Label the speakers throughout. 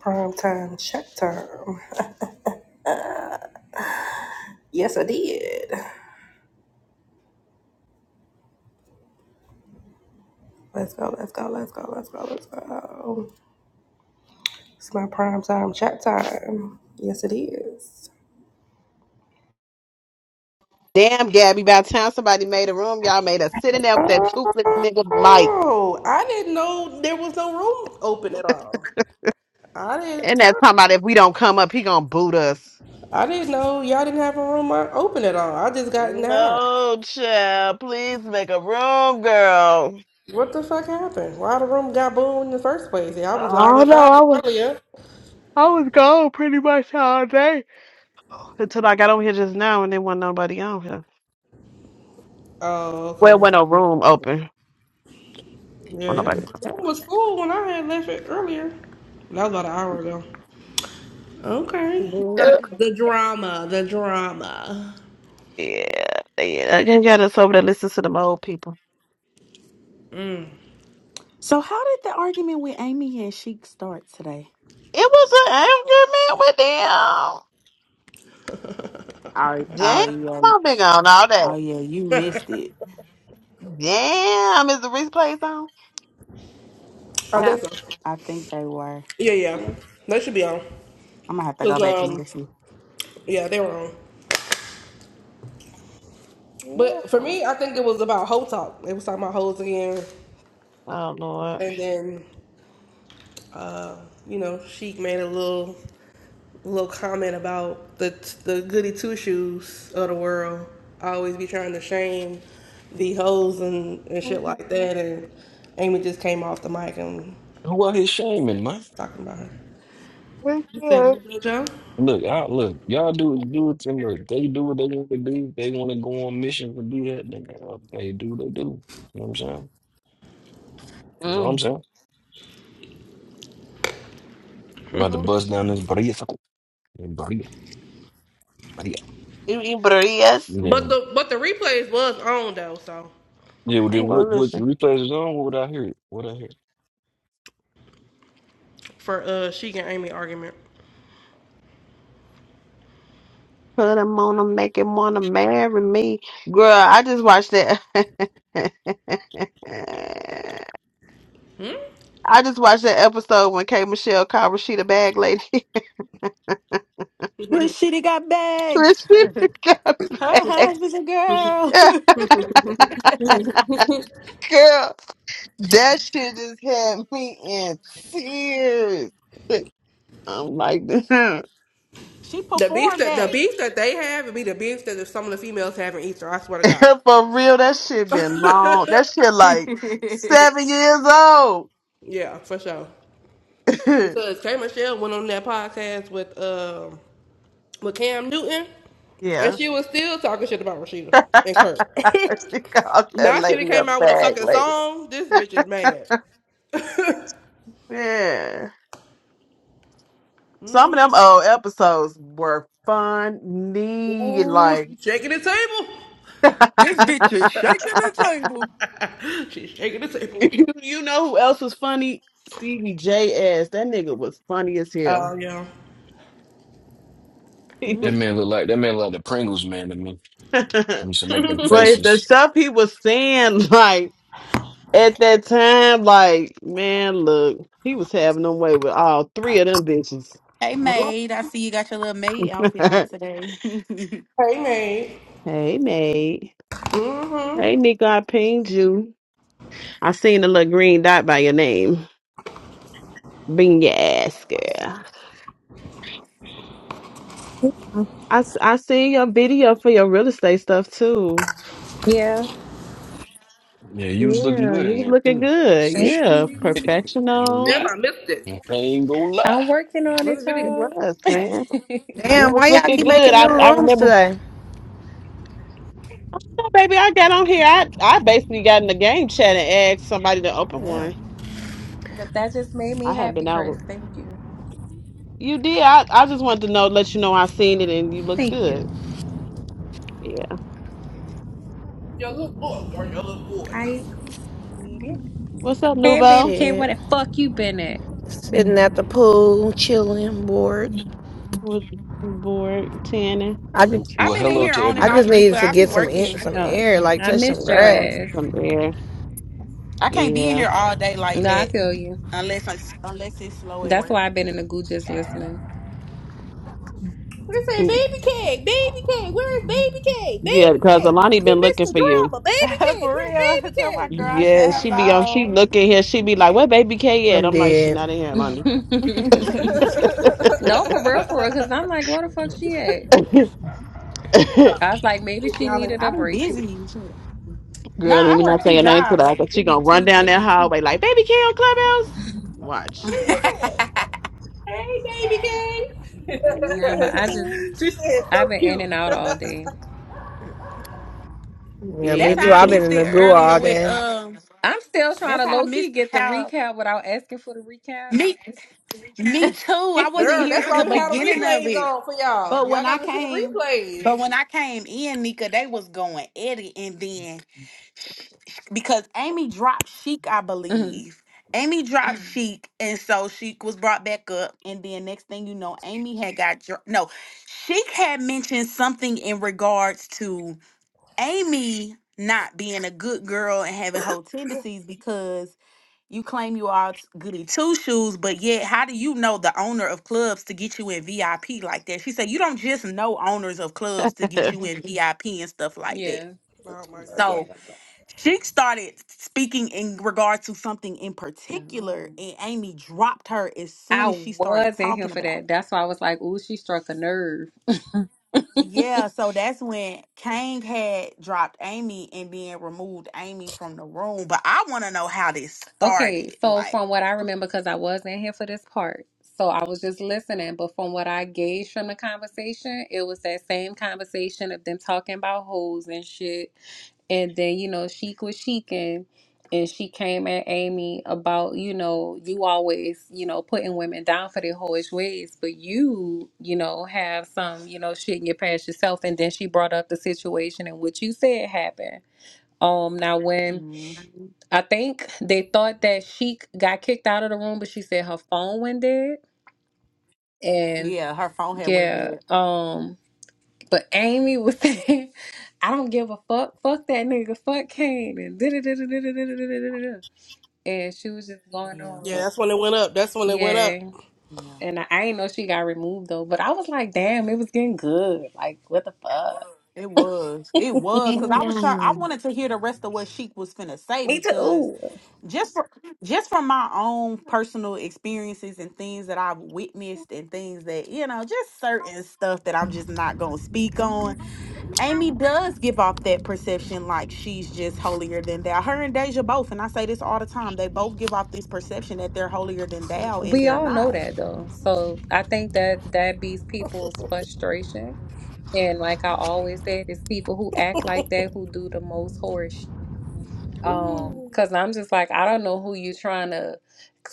Speaker 1: Prime time check time. Yes, I did. Let's go, let's go, let's go, let's go, let's go. It's my prime time chat time. Yes, it is.
Speaker 2: Damn, Gabby, by the time somebody made a room, y'all made us sitting there with that toothless nigga Mike.
Speaker 1: Oh, I didn't know there was no room open at all. I didn't.
Speaker 2: And that's talking about if we don't come up, he gonna boot us.
Speaker 1: I didn't know y'all didn't have a room o- open at all. I just got in the house.
Speaker 2: No, child. Please make a room, girl.
Speaker 1: What the fuck happened? Why the room got booed in the first place? Y'all was live
Speaker 2: Oh
Speaker 1: at
Speaker 2: no,
Speaker 1: five
Speaker 2: I was
Speaker 1: earlier.
Speaker 2: I was gone pretty much all day. Until I got over here just now and there wasn't nobody on here.
Speaker 1: Oh,
Speaker 2: Well wasn't
Speaker 1: okay.
Speaker 2: no room open. Well
Speaker 1: Yeah, yeah.
Speaker 2: nobody
Speaker 1: Room was full when I had left it earlier. That was about an hour ago. Okay.
Speaker 2: Ugh.
Speaker 1: The drama, the drama.
Speaker 2: Yeah, yeah. I can get us over there listen to them old people.
Speaker 3: So how did the argument with Amy and Sheik start today?
Speaker 2: It was an angry man with them.
Speaker 3: Oh, oh yeah,
Speaker 2: Damn, I've been gone all day.
Speaker 3: oh yeah, you missed it.
Speaker 2: Damn, is the replay on?
Speaker 1: I
Speaker 3: I,
Speaker 2: Yeah.
Speaker 1: think so.
Speaker 3: I think they were.
Speaker 1: Yeah, yeah.
Speaker 2: Yeah.
Speaker 1: They should be on.
Speaker 3: I'm gonna have to go
Speaker 1: Cause
Speaker 3: back and
Speaker 1: um,
Speaker 3: listen.
Speaker 1: yeah, they were on. But for me, I
Speaker 2: Yes.
Speaker 1: think it was about hoe talk. They was talking about hoes again,
Speaker 2: Oh Lord.
Speaker 1: and then you know, Sheik made a little. little comment about the the goody two shoes of the world. I always be trying to shame the hoes and, and shit like that.
Speaker 2: Thank
Speaker 1: And Amy just came off the mic and
Speaker 4: Who out here shaming, man?
Speaker 1: talking about her. You said
Speaker 2: you.
Speaker 1: what, Lil Joe?
Speaker 4: Look, I, look, y'all do do it to look. They do what they want to do. They want to go on missions and do that. They, they do what they do. You know what I'm saying? That's all I'm
Speaker 2: Mm.
Speaker 4: saying. I'm about to bust down this Bria. Bria. Bria.
Speaker 2: You you better yes.
Speaker 4: Yeah.
Speaker 1: But the but the replays was on though, so
Speaker 4: Yeah, well,
Speaker 2: I'm
Speaker 4: then
Speaker 2: gonna
Speaker 4: what, what
Speaker 2: listen.
Speaker 4: replays is on? What would I hear? it? What I hear?
Speaker 1: for uh she and Amy argument.
Speaker 2: Put him on him, make him wanna marry me. Girl, I just watched that I just watched that episode when K Michelle called Rashida Bag Lady.
Speaker 3: Rashida got bags.
Speaker 2: Rashida got
Speaker 3: Her
Speaker 2: back.
Speaker 3: husband's a girl.
Speaker 2: Girl, that shit just had me in tears. I'm like, for
Speaker 3: she
Speaker 1: The beef
Speaker 3: performed
Speaker 1: that the
Speaker 3: that.
Speaker 1: beef that they have would be the beef that some of the females have in Easter. I swear to God.
Speaker 2: real, that shit been long. That shit
Speaker 3: this
Speaker 2: like seven years old.
Speaker 1: Yeah, for sure. Because K Michelle went on that podcast with um with Cam Newton, and
Speaker 2: yeah.
Speaker 1: she was still talking shit about Rashida and Kurt.
Speaker 2: she called that
Speaker 1: now she done
Speaker 2: lady a
Speaker 1: came out with a
Speaker 2: bag
Speaker 1: fucking
Speaker 2: lady.
Speaker 1: song. This bitch is mad.
Speaker 2: Yeah. Some of them old episodes were funny.
Speaker 1: Ooh,
Speaker 2: Like,
Speaker 1: she's shaking the table.
Speaker 3: bitch is shaking the table.
Speaker 1: She's shaking the table.
Speaker 2: you, you know who else was funny? Stevie J ass. That nigga was funny as
Speaker 1: Oh
Speaker 2: hell.
Speaker 1: yeah.
Speaker 2: but
Speaker 4: That man look like that man look like the Pringles man to me. He used to make them
Speaker 2: the
Speaker 4: faces.
Speaker 2: stuff he was saying, like, At that time, like, man, look, he was having them way with all three of them bitches.
Speaker 3: Hey
Speaker 1: Mhm.
Speaker 3: maid, I see you got your little maid outfit on today.
Speaker 1: Hey man.
Speaker 2: hey, mate. Hey,
Speaker 1: Mm-hmm.
Speaker 2: Nico, I pinged you. I seen the little green dot by your name. Being your ass, girl. I, I seen your video for your real estate stuff, too.
Speaker 5: Yeah.
Speaker 4: Yeah, you was looking
Speaker 2: Yeah,
Speaker 4: good
Speaker 2: you
Speaker 4: in
Speaker 2: was
Speaker 4: there
Speaker 2: looking
Speaker 4: too.
Speaker 2: good.
Speaker 4: Some
Speaker 5: Thank
Speaker 4: shit.
Speaker 2: Yeah,
Speaker 4: ain't
Speaker 5: you.
Speaker 4: gonna
Speaker 2: professional.
Speaker 1: Damn,
Speaker 4: lie.
Speaker 1: I missed it.
Speaker 4: I ain't gonna lie.
Speaker 5: I'm working on
Speaker 1: Where's
Speaker 5: it,
Speaker 1: the
Speaker 2: You
Speaker 1: video?
Speaker 5: y'all.
Speaker 2: was, man. You
Speaker 6: Damn,
Speaker 2: was
Speaker 6: why y'all
Speaker 2: looking
Speaker 6: keep
Speaker 2: good.
Speaker 6: making new
Speaker 2: I, I
Speaker 6: rooms
Speaker 2: remember,
Speaker 6: today?
Speaker 2: oh, baby, I got on here. I, I basically got in the game chat and asked somebody to open one.
Speaker 5: but that just made me
Speaker 2: I had
Speaker 5: happy,
Speaker 2: been
Speaker 5: Chris.
Speaker 2: out.
Speaker 5: Thank you.
Speaker 2: You did. I, I just wanted to know, let you know I seen it and you looked
Speaker 5: Thank you.
Speaker 2: good. Yeah.
Speaker 5: I appreciate it.
Speaker 2: What's up,
Speaker 5: Hey,
Speaker 2: Nubo?
Speaker 5: baby K, what
Speaker 6: Shit.
Speaker 5: the fuck you been at?
Speaker 6: Sitting at the pool, chilling, bored.
Speaker 2: With board tanning
Speaker 6: I just,
Speaker 3: I've
Speaker 4: Well,
Speaker 3: been in
Speaker 4: hello
Speaker 3: here
Speaker 4: to
Speaker 3: on and
Speaker 6: I
Speaker 3: off,
Speaker 6: just
Speaker 4: everybody,
Speaker 3: Nika.
Speaker 6: needed to
Speaker 3: I be
Speaker 6: get some
Speaker 4: man.
Speaker 6: in,
Speaker 3: working.
Speaker 6: some
Speaker 5: Oh,
Speaker 6: air, like
Speaker 5: I
Speaker 6: touch some
Speaker 5: missed your
Speaker 6: grass.
Speaker 5: ass.
Speaker 2: from air.
Speaker 3: I can't be in
Speaker 2: Yeah.
Speaker 3: here all day like
Speaker 5: No, I
Speaker 3: that
Speaker 5: feel you.
Speaker 3: unless I'm, unless it's slow at
Speaker 5: That's
Speaker 3: work.
Speaker 5: why I've been in the goo just listening.
Speaker 1: What it say,
Speaker 2: Mm,
Speaker 1: baby cake, baby cake, where's baby cake,
Speaker 2: Yeah,
Speaker 1: baby
Speaker 2: because
Speaker 1: cake?
Speaker 2: Alani
Speaker 1: We
Speaker 2: been
Speaker 1: missed
Speaker 2: looking
Speaker 1: the
Speaker 2: for you.
Speaker 1: drama, baby cake,
Speaker 3: For real, tell my girl I
Speaker 2: Yeah,
Speaker 3: said
Speaker 2: she be on. She
Speaker 3: hello.
Speaker 2: looking here. She be like, "Where baby K at?"
Speaker 6: I'm
Speaker 2: I'm like, "She
Speaker 6: dead.
Speaker 2: not in here,
Speaker 5: no,
Speaker 2: Alani."
Speaker 1: where's
Speaker 5: for real, for
Speaker 1: baby
Speaker 5: real.
Speaker 1: cake?
Speaker 5: Cause I'm like, what the fuck she at? I was like, maybe
Speaker 1: Did
Speaker 5: she
Speaker 1: y'all
Speaker 5: needed
Speaker 3: I
Speaker 5: a
Speaker 3: be
Speaker 5: break.
Speaker 3: busy. and shit. Nah,
Speaker 2: Girl, let
Speaker 3: I
Speaker 2: me not
Speaker 3: work
Speaker 2: say
Speaker 3: two
Speaker 2: her name to
Speaker 3: jobs.
Speaker 2: that,
Speaker 3: That be,
Speaker 2: but she
Speaker 3: it
Speaker 2: gonna
Speaker 3: be
Speaker 2: run
Speaker 3: two.
Speaker 2: down
Speaker 3: It
Speaker 2: that
Speaker 3: be two.
Speaker 2: hallway like, "Baby K on Clubhouse." Watch.
Speaker 3: that's
Speaker 2: like, "Hey,
Speaker 5: Nah, but
Speaker 2: baby
Speaker 5: I just
Speaker 1: she said
Speaker 5: I've
Speaker 1: so
Speaker 5: been in
Speaker 1: cute.
Speaker 5: and out all day.
Speaker 6: Yeah,
Speaker 2: K.
Speaker 6: me
Speaker 2: Yeah,
Speaker 6: too.
Speaker 2: me
Speaker 3: how I
Speaker 6: I've been
Speaker 2: too.
Speaker 3: missed
Speaker 6: in
Speaker 3: it
Speaker 6: the goo
Speaker 3: earlier
Speaker 6: all
Speaker 3: with
Speaker 6: day.
Speaker 3: um.
Speaker 5: I'm still trying
Speaker 3: That's
Speaker 5: to
Speaker 3: how I
Speaker 5: low key
Speaker 3: missed
Speaker 5: get the
Speaker 3: how
Speaker 5: recap without asking for the recap.
Speaker 3: me me too. I wasn't
Speaker 1: Girl,
Speaker 3: here
Speaker 1: that's
Speaker 3: for
Speaker 1: why
Speaker 3: the
Speaker 1: we had the
Speaker 3: beginning of
Speaker 1: replays
Speaker 3: it,
Speaker 1: on for y'all.
Speaker 3: but
Speaker 1: Y'all
Speaker 3: when I
Speaker 1: gotta listen to the
Speaker 3: came,
Speaker 1: replays.
Speaker 3: but when I came in, Nika, they was going at it, and then because Amy dropped Sheik, I
Speaker 5: Mhm.
Speaker 3: believe. Amy dropped Mhm. Sheik, and so Sheik was brought back up. And then next thing you know, Amy had got dro- no. Sheik had mentioned something in regards to Amy not being a good girl and having whole tendencies because you claim you are t- goody two shoes, but yet how do you know the owner of clubs to get you in VIP like that? She said you don't just know owners of clubs to get you in VIP and stuff like that.
Speaker 5: Yeah.
Speaker 1: Oh
Speaker 2: Oh
Speaker 1: my
Speaker 2: my
Speaker 1: god.
Speaker 3: So
Speaker 2: God.
Speaker 3: she started speaking in regard to something in particular,
Speaker 5: Oh.
Speaker 3: and Amy dropped her as soon
Speaker 5: I
Speaker 3: as she started
Speaker 5: was in here
Speaker 3: talking
Speaker 5: for
Speaker 3: about.
Speaker 5: that. That's why I was like, ooh, she struck a nerve.
Speaker 3: it. Yeah, so that's when Kang had dropped Amy and then removed Amy from the room. But I want to know how this
Speaker 5: Okay,
Speaker 3: started.
Speaker 5: so
Speaker 3: Like,
Speaker 5: from what I remember, because I was in here for this part, so I was just listening, but from what I gauged from the conversation, it was that same conversation of them talking about hoes and shit And then, you know, Sheik was Sheikin and she came at Amy about, you know, you always, you know, putting women down for their hoish ways, but you, you know, have some, you know, shit in your past yourself. And then she brought up the situation and what you said happened. Um, now when
Speaker 3: Mhm.
Speaker 5: I think they thought that she got kicked out of the room, but she said her phone went dead. And
Speaker 3: yeah, her phone had went
Speaker 5: yeah,
Speaker 3: dead.
Speaker 5: um, but Amy was saying, I don't give a fuck. Fuck that nigga. Fuck Kane. And da da da da da da da da da And she was just going
Speaker 3: Yeah,
Speaker 1: Yeah,
Speaker 5: on.
Speaker 1: that's when it went up. That's when it went
Speaker 5: Yeah.
Speaker 1: up.
Speaker 3: yeah,
Speaker 5: And I, I ain't know she got removed though. But I was like, damn, it was getting good. Like, what the fuck?
Speaker 3: it was, it was because I was sure I
Speaker 2: Yeah.
Speaker 3: wanted to hear the rest of what Sheik was finna say
Speaker 5: Me
Speaker 3: because
Speaker 5: too.
Speaker 3: just for just from my own personal experiences and things that I've witnessed and things that you know just certain stuff that I'm just not going to speak
Speaker 5: Mhm.
Speaker 3: on. Amy does give off that perception like she's just holier than thou. Her and Deja both and I say this all the time. They both give off this perception that they're holier than thou and
Speaker 5: We
Speaker 3: they're
Speaker 5: all know
Speaker 3: not.
Speaker 5: that though. So I think that that beats people's frustration. And like I always said, it's people who act like that who do the most horse Um,
Speaker 1: Ooh.
Speaker 5: cause I'm just like, I don't know who you trying to.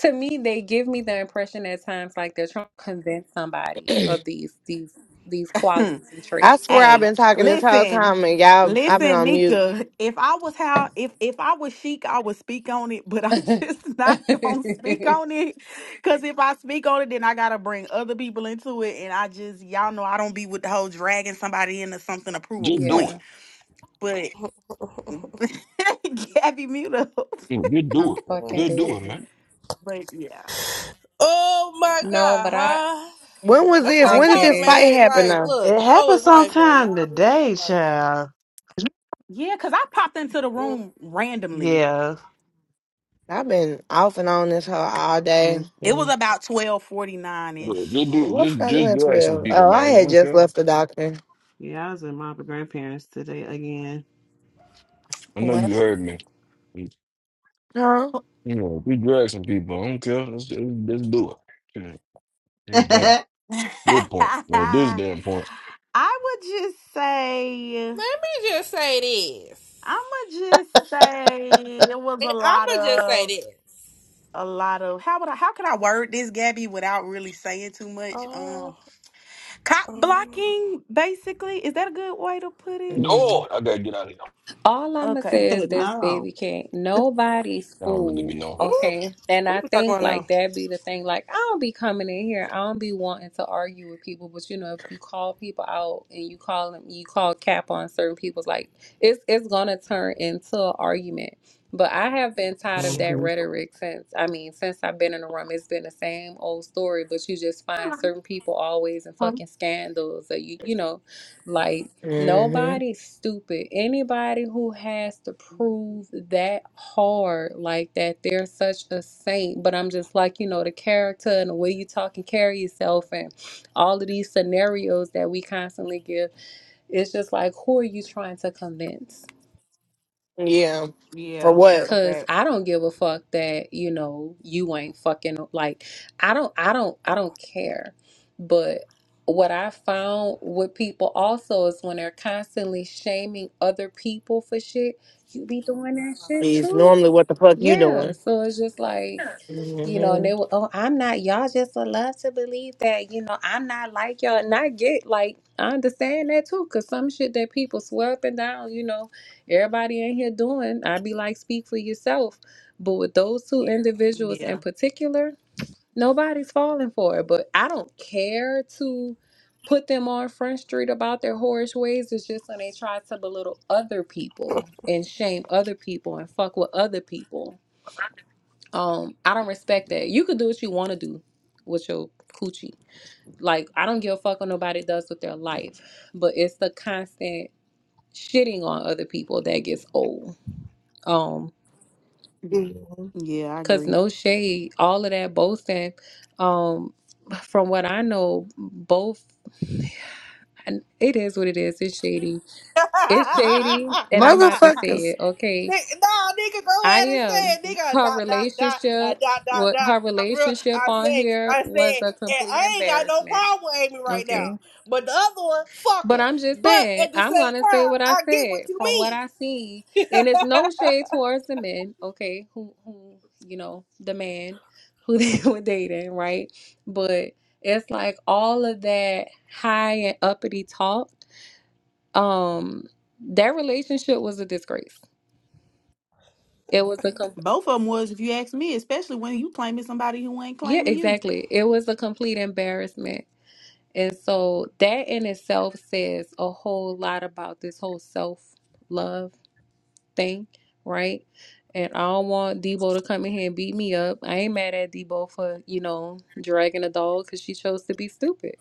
Speaker 5: To me, they give me the impression at times like they're trying to convince somebody of these these these qualities and
Speaker 6: I
Speaker 5: traits.
Speaker 6: swear I've
Speaker 3: Hey,
Speaker 6: been talking this whole
Speaker 3: listen,
Speaker 6: time and y'all, I've been
Speaker 3: listen,
Speaker 6: on mute.
Speaker 3: Nika. If I was how if if I was chic, I would speak on it, but I'm just not gonna speak on it. Cause if I speak on it, then I gotta bring other people into it. And I just y'all know I don't be with the whole dragging somebody into something to prove a
Speaker 4: Just do
Speaker 3: point.
Speaker 4: it.
Speaker 5: yeah,
Speaker 3: But Gabby mute up.
Speaker 4: Just do
Speaker 5: I'm
Speaker 4: it.
Speaker 5: fucking
Speaker 4: Just do it, man.
Speaker 5: dead.
Speaker 3: But yeah,
Speaker 1: Oh my
Speaker 3: yeah.
Speaker 5: No,
Speaker 1: god,
Speaker 5: but I
Speaker 1: huh?
Speaker 6: When was
Speaker 1: That's
Speaker 6: this?
Speaker 1: why
Speaker 5: I
Speaker 1: I
Speaker 6: When did
Speaker 5: get
Speaker 1: told
Speaker 6: this
Speaker 1: her,
Speaker 5: it.
Speaker 6: fight
Speaker 1: man.
Speaker 6: happen
Speaker 1: Like,
Speaker 6: though?
Speaker 2: It
Speaker 1: look, how
Speaker 2: happened
Speaker 1: is life, man? Y'all
Speaker 2: sometime
Speaker 1: really all
Speaker 2: today,
Speaker 1: life.
Speaker 2: child.
Speaker 3: Yeah, because I popped into the
Speaker 1: Mm.
Speaker 3: room randomly.
Speaker 2: Yeah.
Speaker 6: I've been off and on this whole all day.
Speaker 2: Me
Speaker 3: It was
Speaker 2: too.
Speaker 3: about twelve forty nine
Speaker 4: Look, Just do
Speaker 3: ish.
Speaker 4: it.
Speaker 6: What did
Speaker 4: Just
Speaker 6: I do
Speaker 4: just
Speaker 6: at
Speaker 4: drag some
Speaker 6: 12?
Speaker 4: people,
Speaker 6: Oh,
Speaker 4: man.
Speaker 6: I
Speaker 4: I
Speaker 6: had
Speaker 4: don't
Speaker 6: just
Speaker 4: care.
Speaker 6: left the doctor.
Speaker 2: Yeah, I was in my grandparents today again.
Speaker 4: I know
Speaker 5: Well,
Speaker 4: you heard me. You
Speaker 6: Huh?
Speaker 4: know, we drag some people. I don't care. Let's just, just do it. Shit. Hey, damn. Good point. Yeah, this
Speaker 3: I
Speaker 4: damn point.
Speaker 3: would just say,
Speaker 1: Let me just say this.
Speaker 3: I'm gonna just say it was a
Speaker 1: And
Speaker 3: lot
Speaker 1: I'ma just say
Speaker 3: of
Speaker 1: this.
Speaker 3: a lot of how would I how can I word this, Gabby, without really saying too much?
Speaker 1: Oh,
Speaker 3: Um, cop
Speaker 1: uh, um,
Speaker 3: blocking, basically. Is that a good way to put it?
Speaker 6: Mm-hmm.
Speaker 4: Oh, I gotta get out of here.
Speaker 5: All I'ma
Speaker 3: Okay,
Speaker 5: say is
Speaker 3: uh,
Speaker 5: this,
Speaker 2: no.
Speaker 5: baby, can't nobody's
Speaker 4: I don't really be
Speaker 5: fool,
Speaker 4: knowing.
Speaker 1: mm,
Speaker 5: okay? And
Speaker 1: who
Speaker 5: I
Speaker 1: we talking
Speaker 5: think
Speaker 1: about now?
Speaker 5: like that be the thing. Like I don't be coming in here, I don't be wanting to argue with people, but you know, if you call people out and you call them, you call cap on certain people's, like it's it's gonna turn into an argument. But I have been tired of
Speaker 3: yeah,
Speaker 5: that
Speaker 2: hmm
Speaker 3: for sure.
Speaker 5: rhetoric since I mean, since I've been in the room, it's been the same old story. But you just find certain people always in
Speaker 2: I'm
Speaker 5: fucking scandals, or you you know, like. Nobody's stupid. Anybody who has to prove that hard, like that, they're such a saint. But I'm just like, you know, the character and the way you talk and carry yourself and all of these scenarios that we constantly give. It's just like, who are you trying to convince?
Speaker 6: Yeah. For
Speaker 3: Yeah, that's
Speaker 6: what?
Speaker 3: a
Speaker 5: Cause
Speaker 3: fact.
Speaker 5: I don't give a fuck that, you know, you ain't fucking like I don't I don't I don't care. But what I found with people also is when they're constantly shaming other people for shit, you be doing that shit
Speaker 6: is
Speaker 5: too.
Speaker 6: normally what the fuck you
Speaker 5: Yeah,
Speaker 6: doing.
Speaker 5: so it's just like, you know, and
Speaker 6: hmm
Speaker 5: they were, oh, I'm not, y'all just would love to believe that, you know, I'm not like y'all. And I get, like, I understand that too, because some shit that people swear up and down, you know, everybody in here doing, I'd be like, speak for yourself. But with those two Yeah. individuals in
Speaker 3: Yeah,
Speaker 5: particular, nobody's falling for it. But I don't care to put them on Front Street about their whorish ways. It's just when they try to belittle other people and shame other people and fuck with other people. Um, I don't respect that. You could do what you want to do with your coochie. Like I don't give a fuck what nobody does with their life, but it's the constant shitting on other people that gets old. Um,
Speaker 3: Mm,
Speaker 1: Mm.
Speaker 3: yeah, I
Speaker 5: cause
Speaker 3: agree.
Speaker 5: no shade, all of that boasting. Um, from what I know, both and it is what it is. It's shady. It's shady, and I'm about to say it.
Speaker 6: Motherfuckers.
Speaker 5: Okay,
Speaker 1: Nigga, no, nigga, go
Speaker 5: I
Speaker 1: ahead and say
Speaker 5: am
Speaker 1: it,
Speaker 3: Mm,
Speaker 1: nigga.
Speaker 5: her
Speaker 1: Dot dot dot uh,
Speaker 5: relationship.
Speaker 1: dot dot
Speaker 5: What
Speaker 1: dot.
Speaker 5: her
Speaker 1: I'm real.
Speaker 5: relationship
Speaker 1: I
Speaker 5: on
Speaker 1: say,
Speaker 5: here
Speaker 1: I
Speaker 5: was
Speaker 1: say,
Speaker 5: a
Speaker 1: and
Speaker 5: complete
Speaker 1: I ain't got no
Speaker 5: embarrassment
Speaker 1: problem with Amy right
Speaker 5: Okay.
Speaker 1: now. But the other one, fuck
Speaker 5: But
Speaker 1: her.
Speaker 5: I'm just
Speaker 1: But
Speaker 5: saying,
Speaker 1: at the
Speaker 5: I'm
Speaker 1: same
Speaker 5: gonna say
Speaker 1: time,
Speaker 5: what I
Speaker 1: I get what
Speaker 5: said
Speaker 1: you
Speaker 5: from what
Speaker 1: mean.
Speaker 5: I see, and it's no shade towards the men, okay, who who you know, the man who they were dating, right? But it's like all of that high and uppity talk, um, that relationship was a disgrace. It was a com-
Speaker 3: Both of them was, if you ask me, especially when you claiming somebody who ain't
Speaker 5: yeah,
Speaker 3: claiming you.
Speaker 5: exactly. It was a complete embarrassment. And so that in itself says a whole lot about this whole self love thing, right? And I don't want Debo to come in here and beat me up. I ain't mad at Debo for, you know, dragging a dog because she chose to be stupid.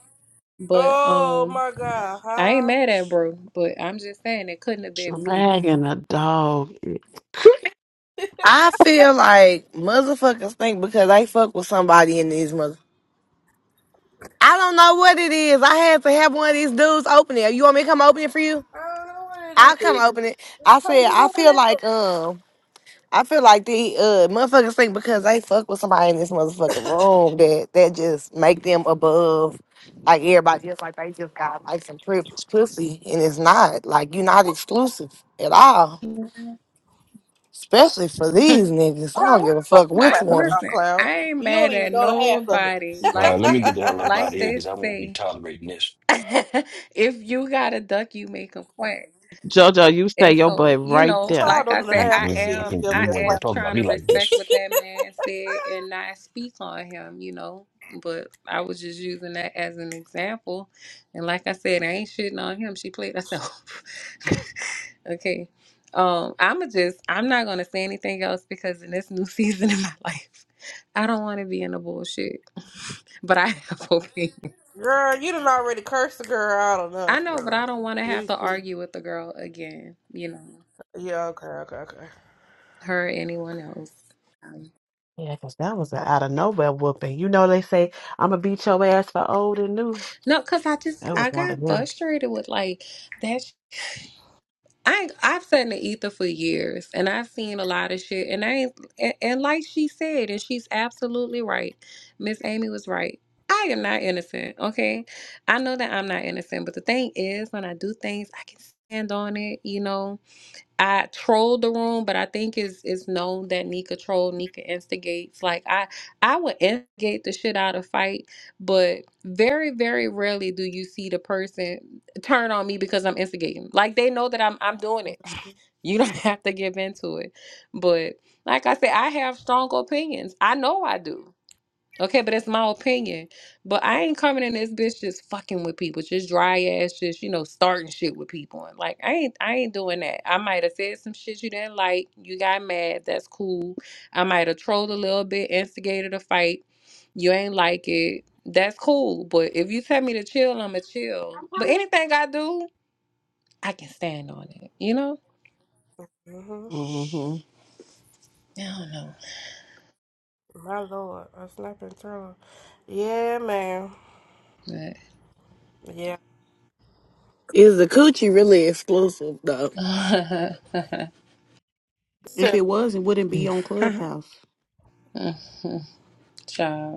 Speaker 5: But
Speaker 1: Oh
Speaker 5: um
Speaker 1: my god,
Speaker 5: I ain't
Speaker 1: huh?
Speaker 5: mad at bro, but I'm just saying it couldn't have been me.
Speaker 2: dragging a dog.
Speaker 6: I feel like motherfuckers think because they fuck with somebody in these mother. I don't know what it is. I had to have one of these dudes open it. You want me to come open it for you?
Speaker 1: I don't know what
Speaker 6: I'll
Speaker 1: it
Speaker 6: come
Speaker 1: is.
Speaker 6: open it.
Speaker 1: Just
Speaker 6: I
Speaker 1: Tell
Speaker 6: said
Speaker 1: me
Speaker 6: I
Speaker 1: what it
Speaker 6: feel like
Speaker 1: is.
Speaker 6: um I feel like the uh motherfuckers think because they fuck with somebody in this motherfucking room that that just make them above like everybody else. Like they just got like some privileged pussy and it's not like you're not exclusive at all. Especially for these niggas. I
Speaker 1: Cloud,
Speaker 6: don't
Speaker 1: what
Speaker 6: give a
Speaker 1: the fuck
Speaker 6: fuck
Speaker 1: you
Speaker 6: which
Speaker 5: I
Speaker 1: clapping
Speaker 6: one.
Speaker 1: about,
Speaker 5: listen,
Speaker 1: Cloud?
Speaker 5: I ain't
Speaker 1: You don't
Speaker 5: mad
Speaker 1: even
Speaker 5: at
Speaker 1: know the half of it.
Speaker 5: nobody.
Speaker 4: All right,
Speaker 5: Like
Speaker 4: let me
Speaker 5: they
Speaker 4: get the hell up out
Speaker 5: like
Speaker 4: of here
Speaker 5: they
Speaker 4: because I won't be
Speaker 5: say,
Speaker 4: tolerating this.
Speaker 5: if you got a duck, you make 'em quack.
Speaker 2: Jojo, you stay
Speaker 5: And
Speaker 2: your
Speaker 5: so,
Speaker 2: butt
Speaker 5: you
Speaker 2: right
Speaker 5: know,
Speaker 2: there.
Speaker 1: Cloud
Speaker 5: like I
Speaker 1: don't know the
Speaker 5: said,
Speaker 1: half of
Speaker 5: I
Speaker 4: Mm-mm. I
Speaker 1: shit.
Speaker 5: am
Speaker 1: He
Speaker 4: can't.
Speaker 1: over
Speaker 4: You
Speaker 5: I
Speaker 1: there
Speaker 4: ain't
Speaker 1: clapping.
Speaker 5: am
Speaker 4: gonna talk about
Speaker 5: trying to
Speaker 4: me like
Speaker 5: respect what
Speaker 4: this.
Speaker 5: that man said and not speak on him, you know. But I was just using that as an example. And like I said, I ain't shitting on him. She played herself. okay. Um, I'ma just I'm not gonna say anything else because in this new season in my life, I don't wanna be in the bullshit. but I have opinions.
Speaker 1: Girl, you done already cursed the girl out
Speaker 5: I
Speaker 1: enough,
Speaker 5: know, but I
Speaker 1: girl.
Speaker 5: don't wanna have
Speaker 1: You-
Speaker 5: to
Speaker 1: you-
Speaker 5: argue with the girl again, you know.
Speaker 1: Yeah, okay, okay, okay.
Speaker 5: her or anyone else. Um,
Speaker 2: Yeah, because that was an out of nowhere whooping. You know, they say, I'm going to beat your ass for old and new.
Speaker 5: no, because I just
Speaker 2: That was
Speaker 5: I
Speaker 2: one
Speaker 5: got
Speaker 2: of them.
Speaker 5: frustrated with like that. Sh- I ain't- I've sat in the ether for years, and I've seen a lot of shit. And I ain't, and, and like she said, and she's absolutely right. Miss Amy was right. I am not innocent. Okay, I know that I'm not innocent, but the thing is, when I do things, I can stand on it. You know, I trolled the room, but I think it's it's known that Nika troll, Nika instigates. Like I I would instigate the shit out of fight, but very very rarely do you see the person turn on me because I'm instigating. Like they know that I'm I'm doing it. You don't have to give into it. But like I said, I have strong opinions. I know I do. Okay, but that's my opinion. But I ain't coming in this bitch just fucking with people, just dry ass, just you know, starting shit with people. And like, I ain't, I ain't doing that. I might have said some shit you didn't like. You got mad. That's cool. I might have trolled a little bit, instigated a fight. You ain't like it. That's cool. But if you tell me to chill, I'ma chill. But anything I do, I can stand on it. You know?
Speaker 1: hmm
Speaker 2: hmm
Speaker 5: I
Speaker 1: My lord, a snapping turtle. Yeah, man.
Speaker 5: don't
Speaker 1: Yeah.
Speaker 6: Is the coochie really exclusive though?
Speaker 5: know. But-
Speaker 3: If
Speaker 1: So-
Speaker 3: it was, it wouldn't be on Clubhouse.
Speaker 5: Child.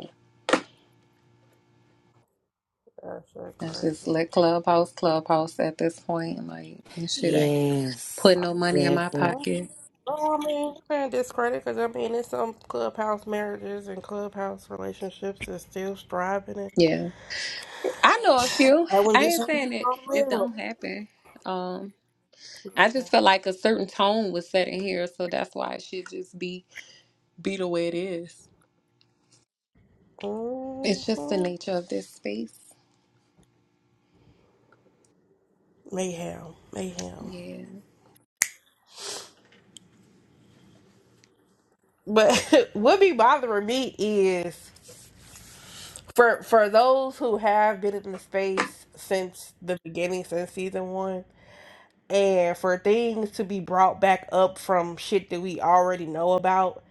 Speaker 1: That's so
Speaker 5: That's just
Speaker 1: crazy.
Speaker 5: let Clubhouse, Clubhouse at this point. Like, this shit ain't
Speaker 6: yes,
Speaker 5: putting no money in my
Speaker 6: exactly.
Speaker 1: Oh,
Speaker 5: pocket.
Speaker 1: oh, I mean, you can't discredit because I mean, there's some clubhouse marriages and clubhouse relationships that's still striving and
Speaker 5: Yeah. I know a few.
Speaker 1: that one
Speaker 5: I
Speaker 1: just
Speaker 5: ain't saying it, it don't happen. Um, I just feel like a certain tone was set in here, so that's why it should just be be the way it is. It's just the
Speaker 1: Mm-hmm.
Speaker 5: nature of this space.
Speaker 1: Mayhem, mayhem.
Speaker 5: Yeah.
Speaker 1: But what be bothering me is for for those who have been in the space since the beginning since season one and for things to be brought back up from shit that we already know about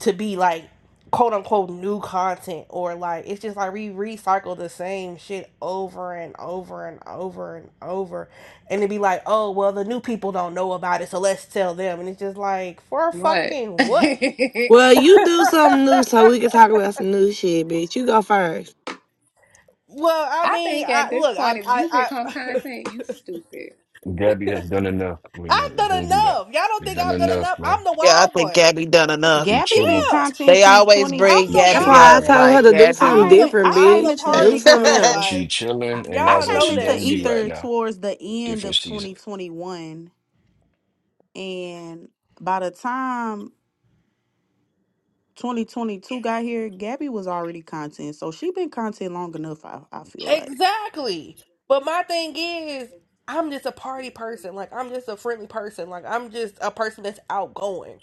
Speaker 1: to be like quote unquote new content or like it's just like we recycle the same shit over and over and over and over and it'd be like oh well the new people don't know about it so let's tell them and it's just like for
Speaker 5: What?
Speaker 1: fucking what
Speaker 5: I
Speaker 6: Well, you do something new so we can talk about some new shit, bitch. You go first.
Speaker 1: well i mean
Speaker 5: think at
Speaker 1: i
Speaker 5: this
Speaker 1: look
Speaker 5: point, if
Speaker 1: i
Speaker 5: you
Speaker 1: i,
Speaker 5: become content, you stupid.
Speaker 4: Gabby has done enough. We not
Speaker 1: I've done
Speaker 4: gonna do
Speaker 1: enough.
Speaker 4: that.
Speaker 1: Y'all don't
Speaker 4: We
Speaker 1: think
Speaker 4: done
Speaker 1: I've done
Speaker 4: enough,
Speaker 1: enough?
Speaker 4: man.
Speaker 1: I'm the
Speaker 2: Yeah, I
Speaker 1: wild
Speaker 2: think
Speaker 1: one.
Speaker 2: Gabby done enough.
Speaker 4: We
Speaker 3: Gabby been
Speaker 4: chilling.
Speaker 1: Yeah,
Speaker 3: content
Speaker 2: They
Speaker 3: since
Speaker 2: always
Speaker 3: twenty.
Speaker 1: I'm
Speaker 2: bring
Speaker 4: We
Speaker 1: the
Speaker 6: That's
Speaker 2: Gabby
Speaker 4: chilling,
Speaker 1: wild
Speaker 6: why I
Speaker 2: up.
Speaker 4: bro.
Speaker 6: told
Speaker 1: one.
Speaker 6: her
Speaker 2: Like,
Speaker 6: to do
Speaker 3: I
Speaker 6: something
Speaker 1: I'm
Speaker 2: Gabby.
Speaker 3: came.
Speaker 1: the
Speaker 6: different,
Speaker 3: I
Speaker 1: I'm
Speaker 3: came
Speaker 1: the
Speaker 6: bitch. Do
Speaker 1: party
Speaker 3: into.
Speaker 6: something
Speaker 1: girl.
Speaker 6: else.
Speaker 4: She
Speaker 1: Like
Speaker 4: chilling, and
Speaker 3: I
Speaker 4: that's
Speaker 1: y'all
Speaker 4: how
Speaker 3: came
Speaker 1: know
Speaker 4: she
Speaker 3: into
Speaker 1: that
Speaker 4: gonna be
Speaker 1: shit
Speaker 4: right
Speaker 3: ether
Speaker 4: now.
Speaker 3: towards the end
Speaker 4: Different
Speaker 3: of
Speaker 4: season.
Speaker 3: 2021, and by the time 2022 got here, Gabby was already content. So she been content long enough. I I feel like.
Speaker 1: exactly. But my thing is, I'm just a party person. Like I'm just a friendly person. Like I'm just a person that's outgoing.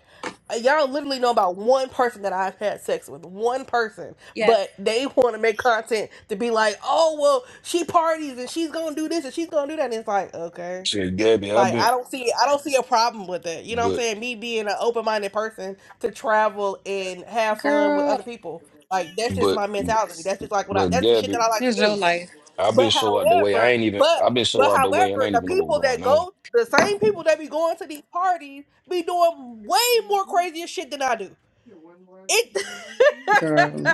Speaker 1: Uh, Y'all literally know about one person that I've had sex with, one person,
Speaker 5: Yes.
Speaker 1: but they want to make content to be like, oh well, she parties and she's gonna do this and she's gonna do that. And it's like, okay.
Speaker 4: Said Gabby, I've
Speaker 1: Like
Speaker 4: been,
Speaker 1: I don't see I don't see a problem with it. You know what I'm
Speaker 4: but,
Speaker 1: saying? Me being an open minded person to travel and have fun with
Speaker 5: Girl,
Speaker 1: other people. Like that's just
Speaker 4: but,
Speaker 1: my mentality. That's just like what I
Speaker 4: but
Speaker 1: that's the shit
Speaker 4: Gabby,
Speaker 1: that I like to
Speaker 5: it's your
Speaker 1: do.
Speaker 5: life.
Speaker 4: I've been
Speaker 1: But
Speaker 4: so out the way. I
Speaker 1: however,
Speaker 4: ain't even.
Speaker 1: but
Speaker 4: I've been so
Speaker 1: but
Speaker 4: out the way, and I
Speaker 1: however,
Speaker 4: ain't
Speaker 1: the
Speaker 4: even know what
Speaker 1: people
Speaker 4: was going
Speaker 1: that
Speaker 4: on.
Speaker 1: go the same people that be going to these parties be doing way more crazier shit than I do. It
Speaker 5: Girl.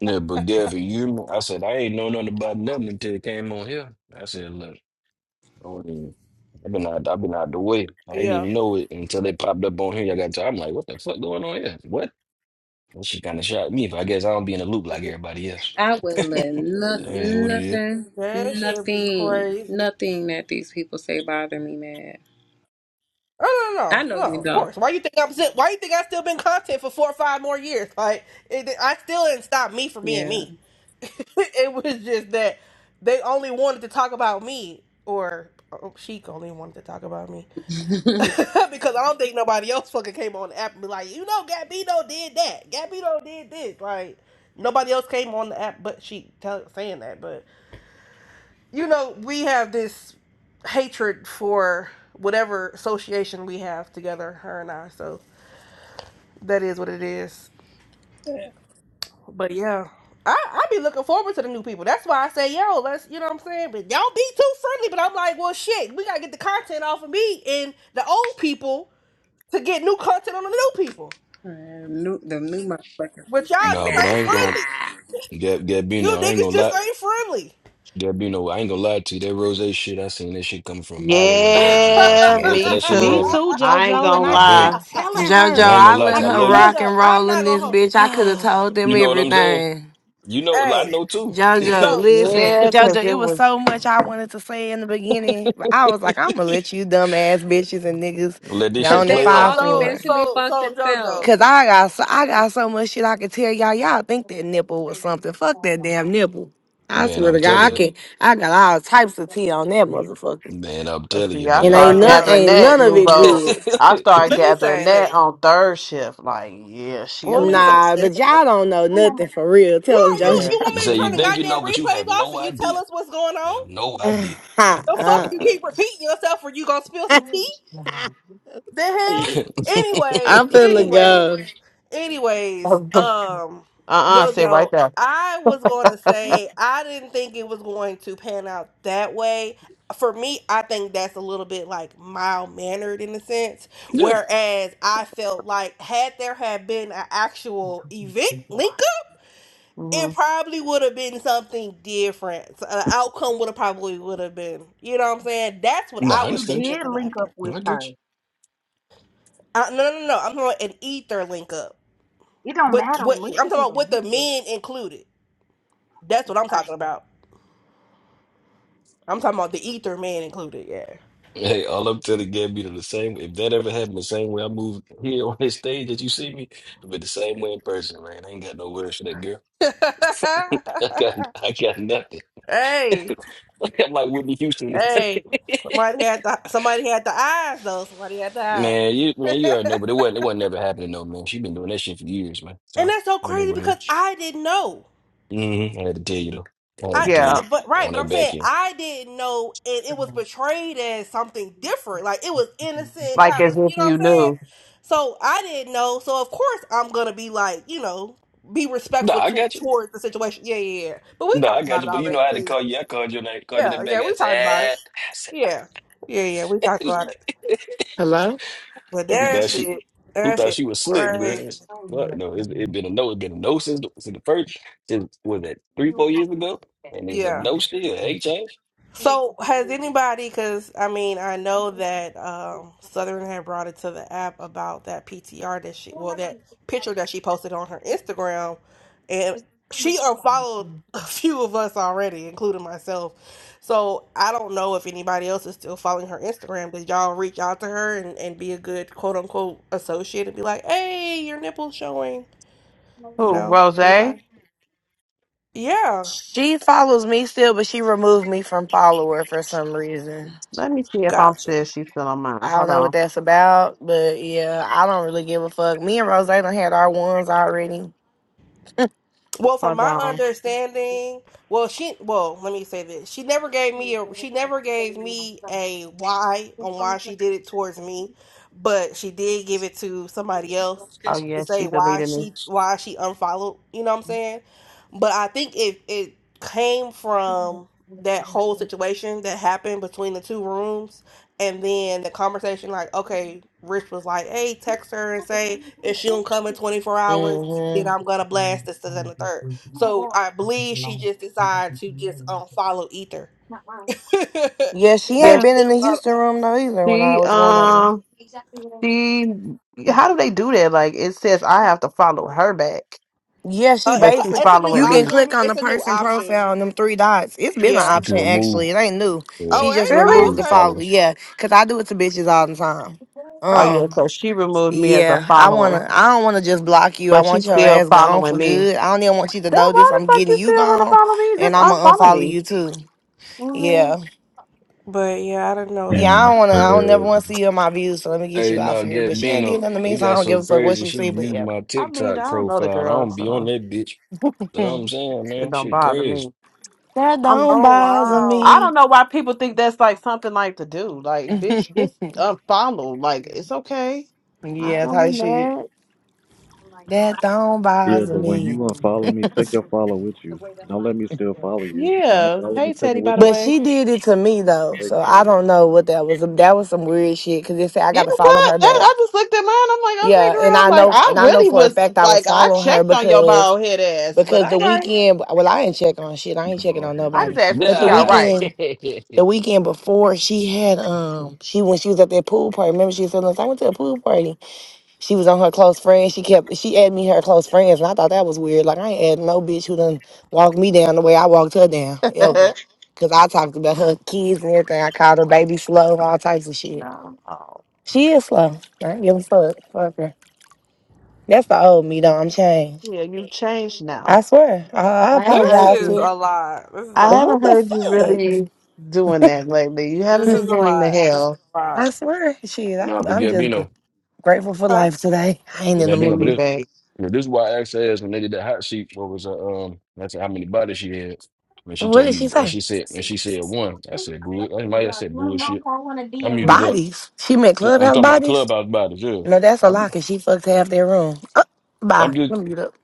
Speaker 4: Yeah, but Gabby, you, know- I said I ain't know nothing about nothing until it came on here. I said, look, I don't even- I've been out. I've been out the way. I didn't
Speaker 1: Yeah.
Speaker 4: even know it until they popped up on here. I got. To, I'm like, what the fuck going on here? What? Well, She kind of shocked me, but I guess I don't be in the loop like everybody else.
Speaker 5: I wouldn't let no,
Speaker 4: So it is what it is.
Speaker 5: nothing,
Speaker 1: That should be
Speaker 5: nothing,
Speaker 1: crazy.
Speaker 5: nothing that these people say bother me, man.
Speaker 1: Oh no, no,
Speaker 5: I know
Speaker 1: no, no,
Speaker 5: you
Speaker 1: of
Speaker 5: don't.
Speaker 1: course. Why you think I'm still, why you think I still been content for four or five more years? Like it, I still didn't stop me from being
Speaker 5: Yeah.
Speaker 1: me. it was just that they only wanted to talk about me, or oh, Sheik only wanted to talk about me because I don't think nobody else fucking came on the app and be like, you know, Gabino did that, Gabino did this. Like nobody else came on the app but she tell, saying that, but you know, we have this hatred for whatever association we have together, her and I. So that is what it is. But yeah, I I be looking forward to the new people. That's why I say, yo, let's, you know what I'm saying. But y'all be too friendly. But I'm like, well, shit, we gotta get the content off of me and the old people to get new content on the new people.
Speaker 5: Man, new, the new motherfuckers be
Speaker 1: But y'all
Speaker 5: like,
Speaker 1: just
Speaker 5: nah.
Speaker 4: No, but I
Speaker 1: ain't
Speaker 4: ain't gonna.
Speaker 1: friendly.
Speaker 4: Gab
Speaker 1: You
Speaker 4: Gabino, I ain't
Speaker 1: niggas
Speaker 4: gonna lie.
Speaker 1: just ain't friendly.
Speaker 4: Gabino, I ain't gonna lie to you. That rose shit, I seen that shit coming from a mile away. I was just watching
Speaker 2: Yeah,
Speaker 4: and
Speaker 5: Yeah.
Speaker 4: wait for
Speaker 2: me
Speaker 4: that shit would
Speaker 3: Me
Speaker 2: too.
Speaker 4: happen.
Speaker 3: too,
Speaker 2: I ain't
Speaker 3: JoJo.
Speaker 2: gonna
Speaker 3: And I
Speaker 4: I been,
Speaker 2: lie.
Speaker 3: kept telling
Speaker 4: I
Speaker 6: JoJo,
Speaker 3: her,
Speaker 4: ain't gonna
Speaker 6: I
Speaker 4: lie
Speaker 6: let
Speaker 4: to you.
Speaker 3: like
Speaker 4: I
Speaker 6: her
Speaker 3: I
Speaker 4: love you.
Speaker 1: Jojo,
Speaker 6: rock
Speaker 3: just.
Speaker 6: and
Speaker 1: I'm
Speaker 6: roll
Speaker 1: not
Speaker 6: in
Speaker 1: gonna
Speaker 6: this
Speaker 1: hold.
Speaker 6: bitch. I could have told them
Speaker 4: You know what I'm saying?
Speaker 6: everything.
Speaker 4: You know, I
Speaker 1: Hey,
Speaker 4: know too.
Speaker 6: Jojo,
Speaker 1: so
Speaker 4: So,
Speaker 6: listen,
Speaker 2: Yeah, because
Speaker 6: Jojo, it
Speaker 2: it
Speaker 6: was
Speaker 2: was.
Speaker 6: so much I wanted to say in the beginning, but I was like, I'm gonna let you dumbass bitches and niggas
Speaker 4: Let
Speaker 6: go
Speaker 4: this shit
Speaker 5: Because
Speaker 6: on and
Speaker 5: they
Speaker 4: play
Speaker 6: fight
Speaker 4: out.
Speaker 5: all
Speaker 6: for
Speaker 1: so
Speaker 6: it.
Speaker 5: eventually
Speaker 1: so
Speaker 5: fuck
Speaker 1: so Jojo.
Speaker 5: themselves.
Speaker 6: Cause I got so I got so much shit I could tell y'all. Y'all think that nipple was something. Fuck that damn nipple. I
Speaker 4: Man,
Speaker 6: swear
Speaker 4: I'm
Speaker 6: to
Speaker 4: telling
Speaker 6: God, I
Speaker 4: you.
Speaker 6: can I got all types of tea on that motherfucker.
Speaker 4: Man, I'm
Speaker 2: Let's
Speaker 4: telling
Speaker 2: see,
Speaker 4: you,
Speaker 2: I
Speaker 6: And
Speaker 4: man.
Speaker 6: ain't
Speaker 2: started
Speaker 6: none
Speaker 2: gathering
Speaker 1: Jojo,
Speaker 6: ain't
Speaker 2: that,
Speaker 6: none of it
Speaker 2: Nouveau.
Speaker 6: good.
Speaker 2: I started
Speaker 1: let me
Speaker 2: gathering
Speaker 1: say
Speaker 2: that
Speaker 1: this.
Speaker 2: on third shift. Like, yeah,
Speaker 1: Let
Speaker 2: she'll.
Speaker 6: Um,
Speaker 1: me say
Speaker 6: Nah,
Speaker 1: this.
Speaker 6: but y'all don't know nothing for real. Tell them
Speaker 1: Well, you
Speaker 6: Jojo.
Speaker 2: Yeah,
Speaker 1: you want
Speaker 4: You
Speaker 2: I
Speaker 1: me
Speaker 4: say
Speaker 1: to
Speaker 2: don't
Speaker 4: you
Speaker 1: turn the
Speaker 2: know.
Speaker 4: think you know,
Speaker 1: goddamn
Speaker 4: but you have
Speaker 1: replays off
Speaker 4: no
Speaker 1: and you tell
Speaker 4: idea.
Speaker 1: us what's going
Speaker 4: You have
Speaker 1: on?
Speaker 4: no idea.
Speaker 1: The fuck you
Speaker 6: uh-uh.
Speaker 1: keep repeating yourself or you gonna spill some tea? The hell? Anyways,
Speaker 6: I'm finna go.
Speaker 1: anyways, anyways,
Speaker 2: Uh
Speaker 1: um,
Speaker 2: uh, Say
Speaker 1: Jojo,
Speaker 2: right there.
Speaker 1: I was gonna say I didn't think it was going to pan out that way. For me, I think that's a little bit like mild mannered in a sense.
Speaker 4: Yeah.
Speaker 1: Whereas I felt like had there had been an actual event link up,
Speaker 2: hmm
Speaker 1: it probably would have been something different. So, the outcome would have probably would have been, you know what I'm saying? That's what
Speaker 4: Nah,
Speaker 1: I
Speaker 4: I
Speaker 1: was
Speaker 4: understand
Speaker 1: thinking it could happen.
Speaker 4: you. I get you.
Speaker 1: Uh, no, no, no, no. I'm talking about an ether link up.
Speaker 3: It don't
Speaker 1: With
Speaker 3: matter. A
Speaker 1: what I'm
Speaker 3: link up
Speaker 1: talking
Speaker 3: is a
Speaker 1: about with
Speaker 3: link
Speaker 1: the
Speaker 3: up.
Speaker 1: men included. That's what I'm
Speaker 3: I,
Speaker 1: talking about. I'm talking about the ether man included. Yeah.
Speaker 4: Hey, all I'm telling Gabby to the same. If that ever happened, the same way I moved here on this stage that you see me, but the same way in person, man. I ain't got no words for that girl. I got, I got nothing. I'm
Speaker 1: hey,
Speaker 4: like Whitney Houston.
Speaker 1: hey. Somebody had the somebody had the eyes though. Somebody had the eyes,
Speaker 4: man, you, man, you already know, but it wasn't, it wasn't ever happening though, man. She been doing that shit for years, man.
Speaker 1: and
Speaker 4: So,
Speaker 1: that's so
Speaker 4: and it
Speaker 1: crazy
Speaker 4: what it
Speaker 1: because
Speaker 4: is.
Speaker 1: I didn't know.
Speaker 4: Mm-hmm. I had to tell you though. I had
Speaker 1: I,
Speaker 4: to tell you
Speaker 2: Yeah,
Speaker 1: but right,
Speaker 4: on
Speaker 1: but
Speaker 4: that
Speaker 1: I'm
Speaker 4: back
Speaker 1: saying
Speaker 4: end.
Speaker 1: I didn't know, and it was portrayed as something different. Like it was innocent,
Speaker 2: like
Speaker 1: not-
Speaker 2: as if
Speaker 1: you know what
Speaker 2: you
Speaker 1: I'm saying?
Speaker 2: knew.
Speaker 1: So I didn't know. So of course I'm gonna be like, you know, be
Speaker 4: Nah,
Speaker 1: respectful
Speaker 4: I
Speaker 1: to,
Speaker 4: got you.
Speaker 1: towards the situation. Yeah, yeah, yeah. But we
Speaker 4: No, I
Speaker 1: talked
Speaker 4: got
Speaker 1: about
Speaker 4: you.
Speaker 1: it
Speaker 4: But you know,
Speaker 1: already.
Speaker 4: I had to
Speaker 1: Yeah,
Speaker 4: call you. I called your name. Called you
Speaker 1: yeah,
Speaker 4: that
Speaker 1: yeah,
Speaker 4: back
Speaker 1: yeah.
Speaker 4: end.
Speaker 1: We talked about it.
Speaker 4: I said,
Speaker 1: Yeah, yeah, yeah. We
Speaker 4: "Ah."
Speaker 1: talked about it.
Speaker 6: Hello?
Speaker 1: But
Speaker 4: He
Speaker 1: that
Speaker 4: thought she,
Speaker 1: shit,
Speaker 4: he
Speaker 1: that
Speaker 4: thought
Speaker 1: shit,
Speaker 4: she was slick, bro.
Speaker 1: crazy.
Speaker 4: But no, it's it been a no. It's been a no since the, since the first. Since was that three, four years ago? And it's a
Speaker 1: Yeah.
Speaker 4: no still. It ain't changed.
Speaker 1: So has anybody? Because I mean, I know that um, Southern had brought it to the app about that PTR that she, well, that picture that she posted on her Instagram, and she unfollowed a few of us already, including myself. So I don't know if anybody else is still following her Instagram. Did y'all reach out to her and, and be a good quote unquote associate and be like, "Hey, your nipple's showing"?
Speaker 2: Who,
Speaker 1: No,
Speaker 2: Rose?
Speaker 1: anybody? Yeah,
Speaker 6: She follows me still, but she removed me from follower for some reason.
Speaker 2: Let me see if I'm
Speaker 1: gotcha.
Speaker 2: still she's still on mine.
Speaker 6: I don't
Speaker 2: Hold
Speaker 6: know what
Speaker 2: on.
Speaker 6: that's about, but yeah, I don't really give a fuck. Me and Rose done had our ones already.
Speaker 1: Well, from
Speaker 2: Hold
Speaker 1: my
Speaker 2: on.
Speaker 1: understanding, well, she, well, let me say this: she never gave me a, she never gave me a why on why she did it towards me, but she did give it to somebody else
Speaker 2: Oh
Speaker 1: to
Speaker 2: yeah,
Speaker 4: You
Speaker 2: she
Speaker 1: say why
Speaker 2: deleted me.
Speaker 1: she, why she unfollowed. You know what I'm saying? But I think it it came from that whole situation that happened between the two rooms, and then the conversation, like, okay, Rich was like, "Hey, text her and say if she don't come in 24 hours."
Speaker 6: hmm
Speaker 1: then I'm gonna blast this and the third. So I believe she just decided to just unfollow Ether. Have
Speaker 6: Yeah, she
Speaker 2: Yes,
Speaker 6: ain't been in
Speaker 1: them,
Speaker 6: the
Speaker 1: uh,
Speaker 6: Houston room though either when I
Speaker 2: she
Speaker 6: was going
Speaker 1: yeah.
Speaker 6: over there.
Speaker 2: um she how do they do that? Like it says I have to follow her back.
Speaker 6: Yeah, she
Speaker 1: Uh,
Speaker 2: but
Speaker 1: it's a
Speaker 2: she's
Speaker 6: basically
Speaker 1: it's a new
Speaker 6: you
Speaker 2: following
Speaker 6: can
Speaker 2: me.
Speaker 6: click
Speaker 1: option.
Speaker 6: on the
Speaker 1: It's a new
Speaker 6: person
Speaker 1: option.
Speaker 6: profile and them three dots. It's been an
Speaker 1: Yeah.
Speaker 4: can
Speaker 6: option
Speaker 4: remove,
Speaker 6: actually. It ain't new.
Speaker 4: yeah,
Speaker 1: Oh
Speaker 6: She just
Speaker 1: wait.
Speaker 2: Really?
Speaker 6: removed
Speaker 1: Oh
Speaker 6: the
Speaker 4: remove
Speaker 1: okay.
Speaker 6: follow.
Speaker 4: followers.
Speaker 6: Yeah, cause I do it to bitches all the time.
Speaker 2: Oh
Speaker 1: Oh,
Speaker 2: yeah.
Speaker 6: Um.
Speaker 2: So she removed me as a
Speaker 6: Yeah, I
Speaker 2: follower,
Speaker 6: wanna. I don't wanna just block you. I
Speaker 2: but
Speaker 6: want
Speaker 2: she's
Speaker 6: your
Speaker 2: still
Speaker 6: ass gone for
Speaker 2: following me.
Speaker 6: good. I don't even want you to
Speaker 2: Then
Speaker 6: know this.
Speaker 2: why the
Speaker 6: I'm
Speaker 2: fuck
Speaker 6: getting
Speaker 2: you
Speaker 6: you
Speaker 2: still want to
Speaker 6: gone,
Speaker 2: follow me?
Speaker 6: and
Speaker 2: Just
Speaker 6: I'm gonna
Speaker 2: unfollow
Speaker 6: unfollow
Speaker 2: me.
Speaker 6: you too.
Speaker 2: hmm
Speaker 6: Yeah,
Speaker 1: but yeah, I don't know if.
Speaker 6: yeah.
Speaker 1: It,
Speaker 7: Damn,
Speaker 6: I
Speaker 7: that's
Speaker 6: don't wanna. I don't never
Speaker 7: crazy.
Speaker 6: wanna see you in my views. So let me get
Speaker 4: Hey,
Speaker 6: you out
Speaker 4: no,
Speaker 6: for here. But
Speaker 4: get
Speaker 6: she ain't did
Speaker 4: Bino.
Speaker 6: nothing to me,
Speaker 4: It
Speaker 6: so I
Speaker 4: got
Speaker 6: don't
Speaker 4: so
Speaker 6: give a fuck what
Speaker 4: crazy.
Speaker 6: she
Speaker 4: She
Speaker 6: see. But
Speaker 4: viewed
Speaker 6: yeah,
Speaker 4: my
Speaker 2: I mean,
Speaker 4: TikTok
Speaker 2: I don't know the
Speaker 4: profile. And I
Speaker 2: girl,
Speaker 4: don't be on
Speaker 2: so
Speaker 4: that bitch. You know what I'm
Speaker 6: Hmm.
Speaker 4: saying,
Speaker 2: it
Speaker 4: man?
Speaker 2: don't
Speaker 4: Shit
Speaker 2: bother
Speaker 4: crazy.
Speaker 2: me.
Speaker 6: that
Speaker 2: I'm.
Speaker 6: don't
Speaker 1: oh
Speaker 6: bother
Speaker 1: wow,
Speaker 2: I don't
Speaker 6: me.
Speaker 2: know why people think that's like something like to do. Like, bitch, just unfollow. Like, it's okay. I
Speaker 6: yeah,
Speaker 2: don't
Speaker 6: type
Speaker 2: be
Speaker 6: shit.
Speaker 2: mad.
Speaker 6: That don't
Speaker 7: Yeah,
Speaker 6: bother
Speaker 7: but when you
Speaker 6: me.
Speaker 7: unfollow me, take your follow with you. Don't let me still follow you.
Speaker 2: Yeah.
Speaker 7: Unfollow me,
Speaker 2: Hey,
Speaker 7: take it
Speaker 2: Teddy. By
Speaker 7: with
Speaker 2: the
Speaker 7: you.
Speaker 6: But
Speaker 2: way.
Speaker 6: she did it to me though,
Speaker 7: Take
Speaker 6: so
Speaker 7: care.
Speaker 6: I don't know what that was. That was some weird shit. Cause they said I
Speaker 2: Yeah,
Speaker 6: got to follow her
Speaker 2: what? That,
Speaker 6: back.
Speaker 2: I just looked at mine. I'm like, okay,
Speaker 6: Yeah, and
Speaker 2: girl. I'm
Speaker 6: I
Speaker 2: like,
Speaker 6: know,
Speaker 2: I
Speaker 6: and I know
Speaker 2: really
Speaker 6: for a
Speaker 2: was
Speaker 6: fact I was
Speaker 2: like, I
Speaker 6: following her
Speaker 2: checked on your
Speaker 6: because
Speaker 2: bald head ass, but
Speaker 6: because
Speaker 2: I
Speaker 6: the
Speaker 2: like,
Speaker 6: weekend, well, I ain't checking on shit. I ain't checking
Speaker 7: Ball
Speaker 6: on
Speaker 7: head
Speaker 2: I just
Speaker 6: nobody.
Speaker 2: asked, was
Speaker 6: But the
Speaker 2: she all
Speaker 4: Yeah,
Speaker 2: right?
Speaker 6: weekend, the weekend before, she had um, she when she was at that pool party. Remember, she said, "Look, I went to a pool party." She was on her close friends. She kept she added me her close friends, and I thought that was weird. Like I ain't adding no bitch who done walked me down the way I walked her down ever. Cause I talked about her kids and everything. I called her baby slow, all types of shit.
Speaker 2: no. Oh,
Speaker 6: She is slow. I don't give a fuck. Fuck her. That's the old me, though. I'm changed.
Speaker 2: yeah, you've changed now.
Speaker 6: I swear. I, I
Speaker 2: I haven't
Speaker 1: this
Speaker 2: heard
Speaker 6: apologize
Speaker 1: is
Speaker 6: to
Speaker 2: you.
Speaker 6: it.
Speaker 1: a lot. This is a
Speaker 2: I
Speaker 1: lot.
Speaker 6: What
Speaker 2: haven't
Speaker 6: the
Speaker 2: heard you
Speaker 6: fuck?
Speaker 2: really doing that lately. You
Speaker 1: This
Speaker 2: haven't
Speaker 1: is
Speaker 2: been
Speaker 1: a
Speaker 2: doing the
Speaker 1: lot. This is
Speaker 2: hell.
Speaker 1: a
Speaker 6: I
Speaker 1: lot.
Speaker 6: swear. Shit, I,
Speaker 4: no, but
Speaker 6: I'm just gr-
Speaker 4: Gabino.
Speaker 6: grateful for
Speaker 1: Huh?
Speaker 6: life today. I ain't
Speaker 2: We
Speaker 6: in the
Speaker 4: That being a
Speaker 2: should
Speaker 4: but
Speaker 2: be
Speaker 6: mood.
Speaker 4: this,
Speaker 2: back.
Speaker 4: yeah, this is why I asked her ass when they did that hot sheet. What was uh, um? That's how many bodies she had. And she
Speaker 6: What
Speaker 4: told
Speaker 6: did
Speaker 4: me,
Speaker 6: she
Speaker 4: and
Speaker 6: say?
Speaker 4: she said, and she said one. I said, bull. I might have said bullshit. I muted up.
Speaker 6: Bodies. She meant
Speaker 4: She, I'm
Speaker 6: clubhouse
Speaker 4: talking about
Speaker 6: bodies?
Speaker 4: clubhouse bodies. Yeah,
Speaker 6: No, that's a
Speaker 4: I be,
Speaker 6: lie, 'cause she fucked half their room. Uh, bye.
Speaker 4: I'm
Speaker 6: Let
Speaker 4: just,
Speaker 6: me get up.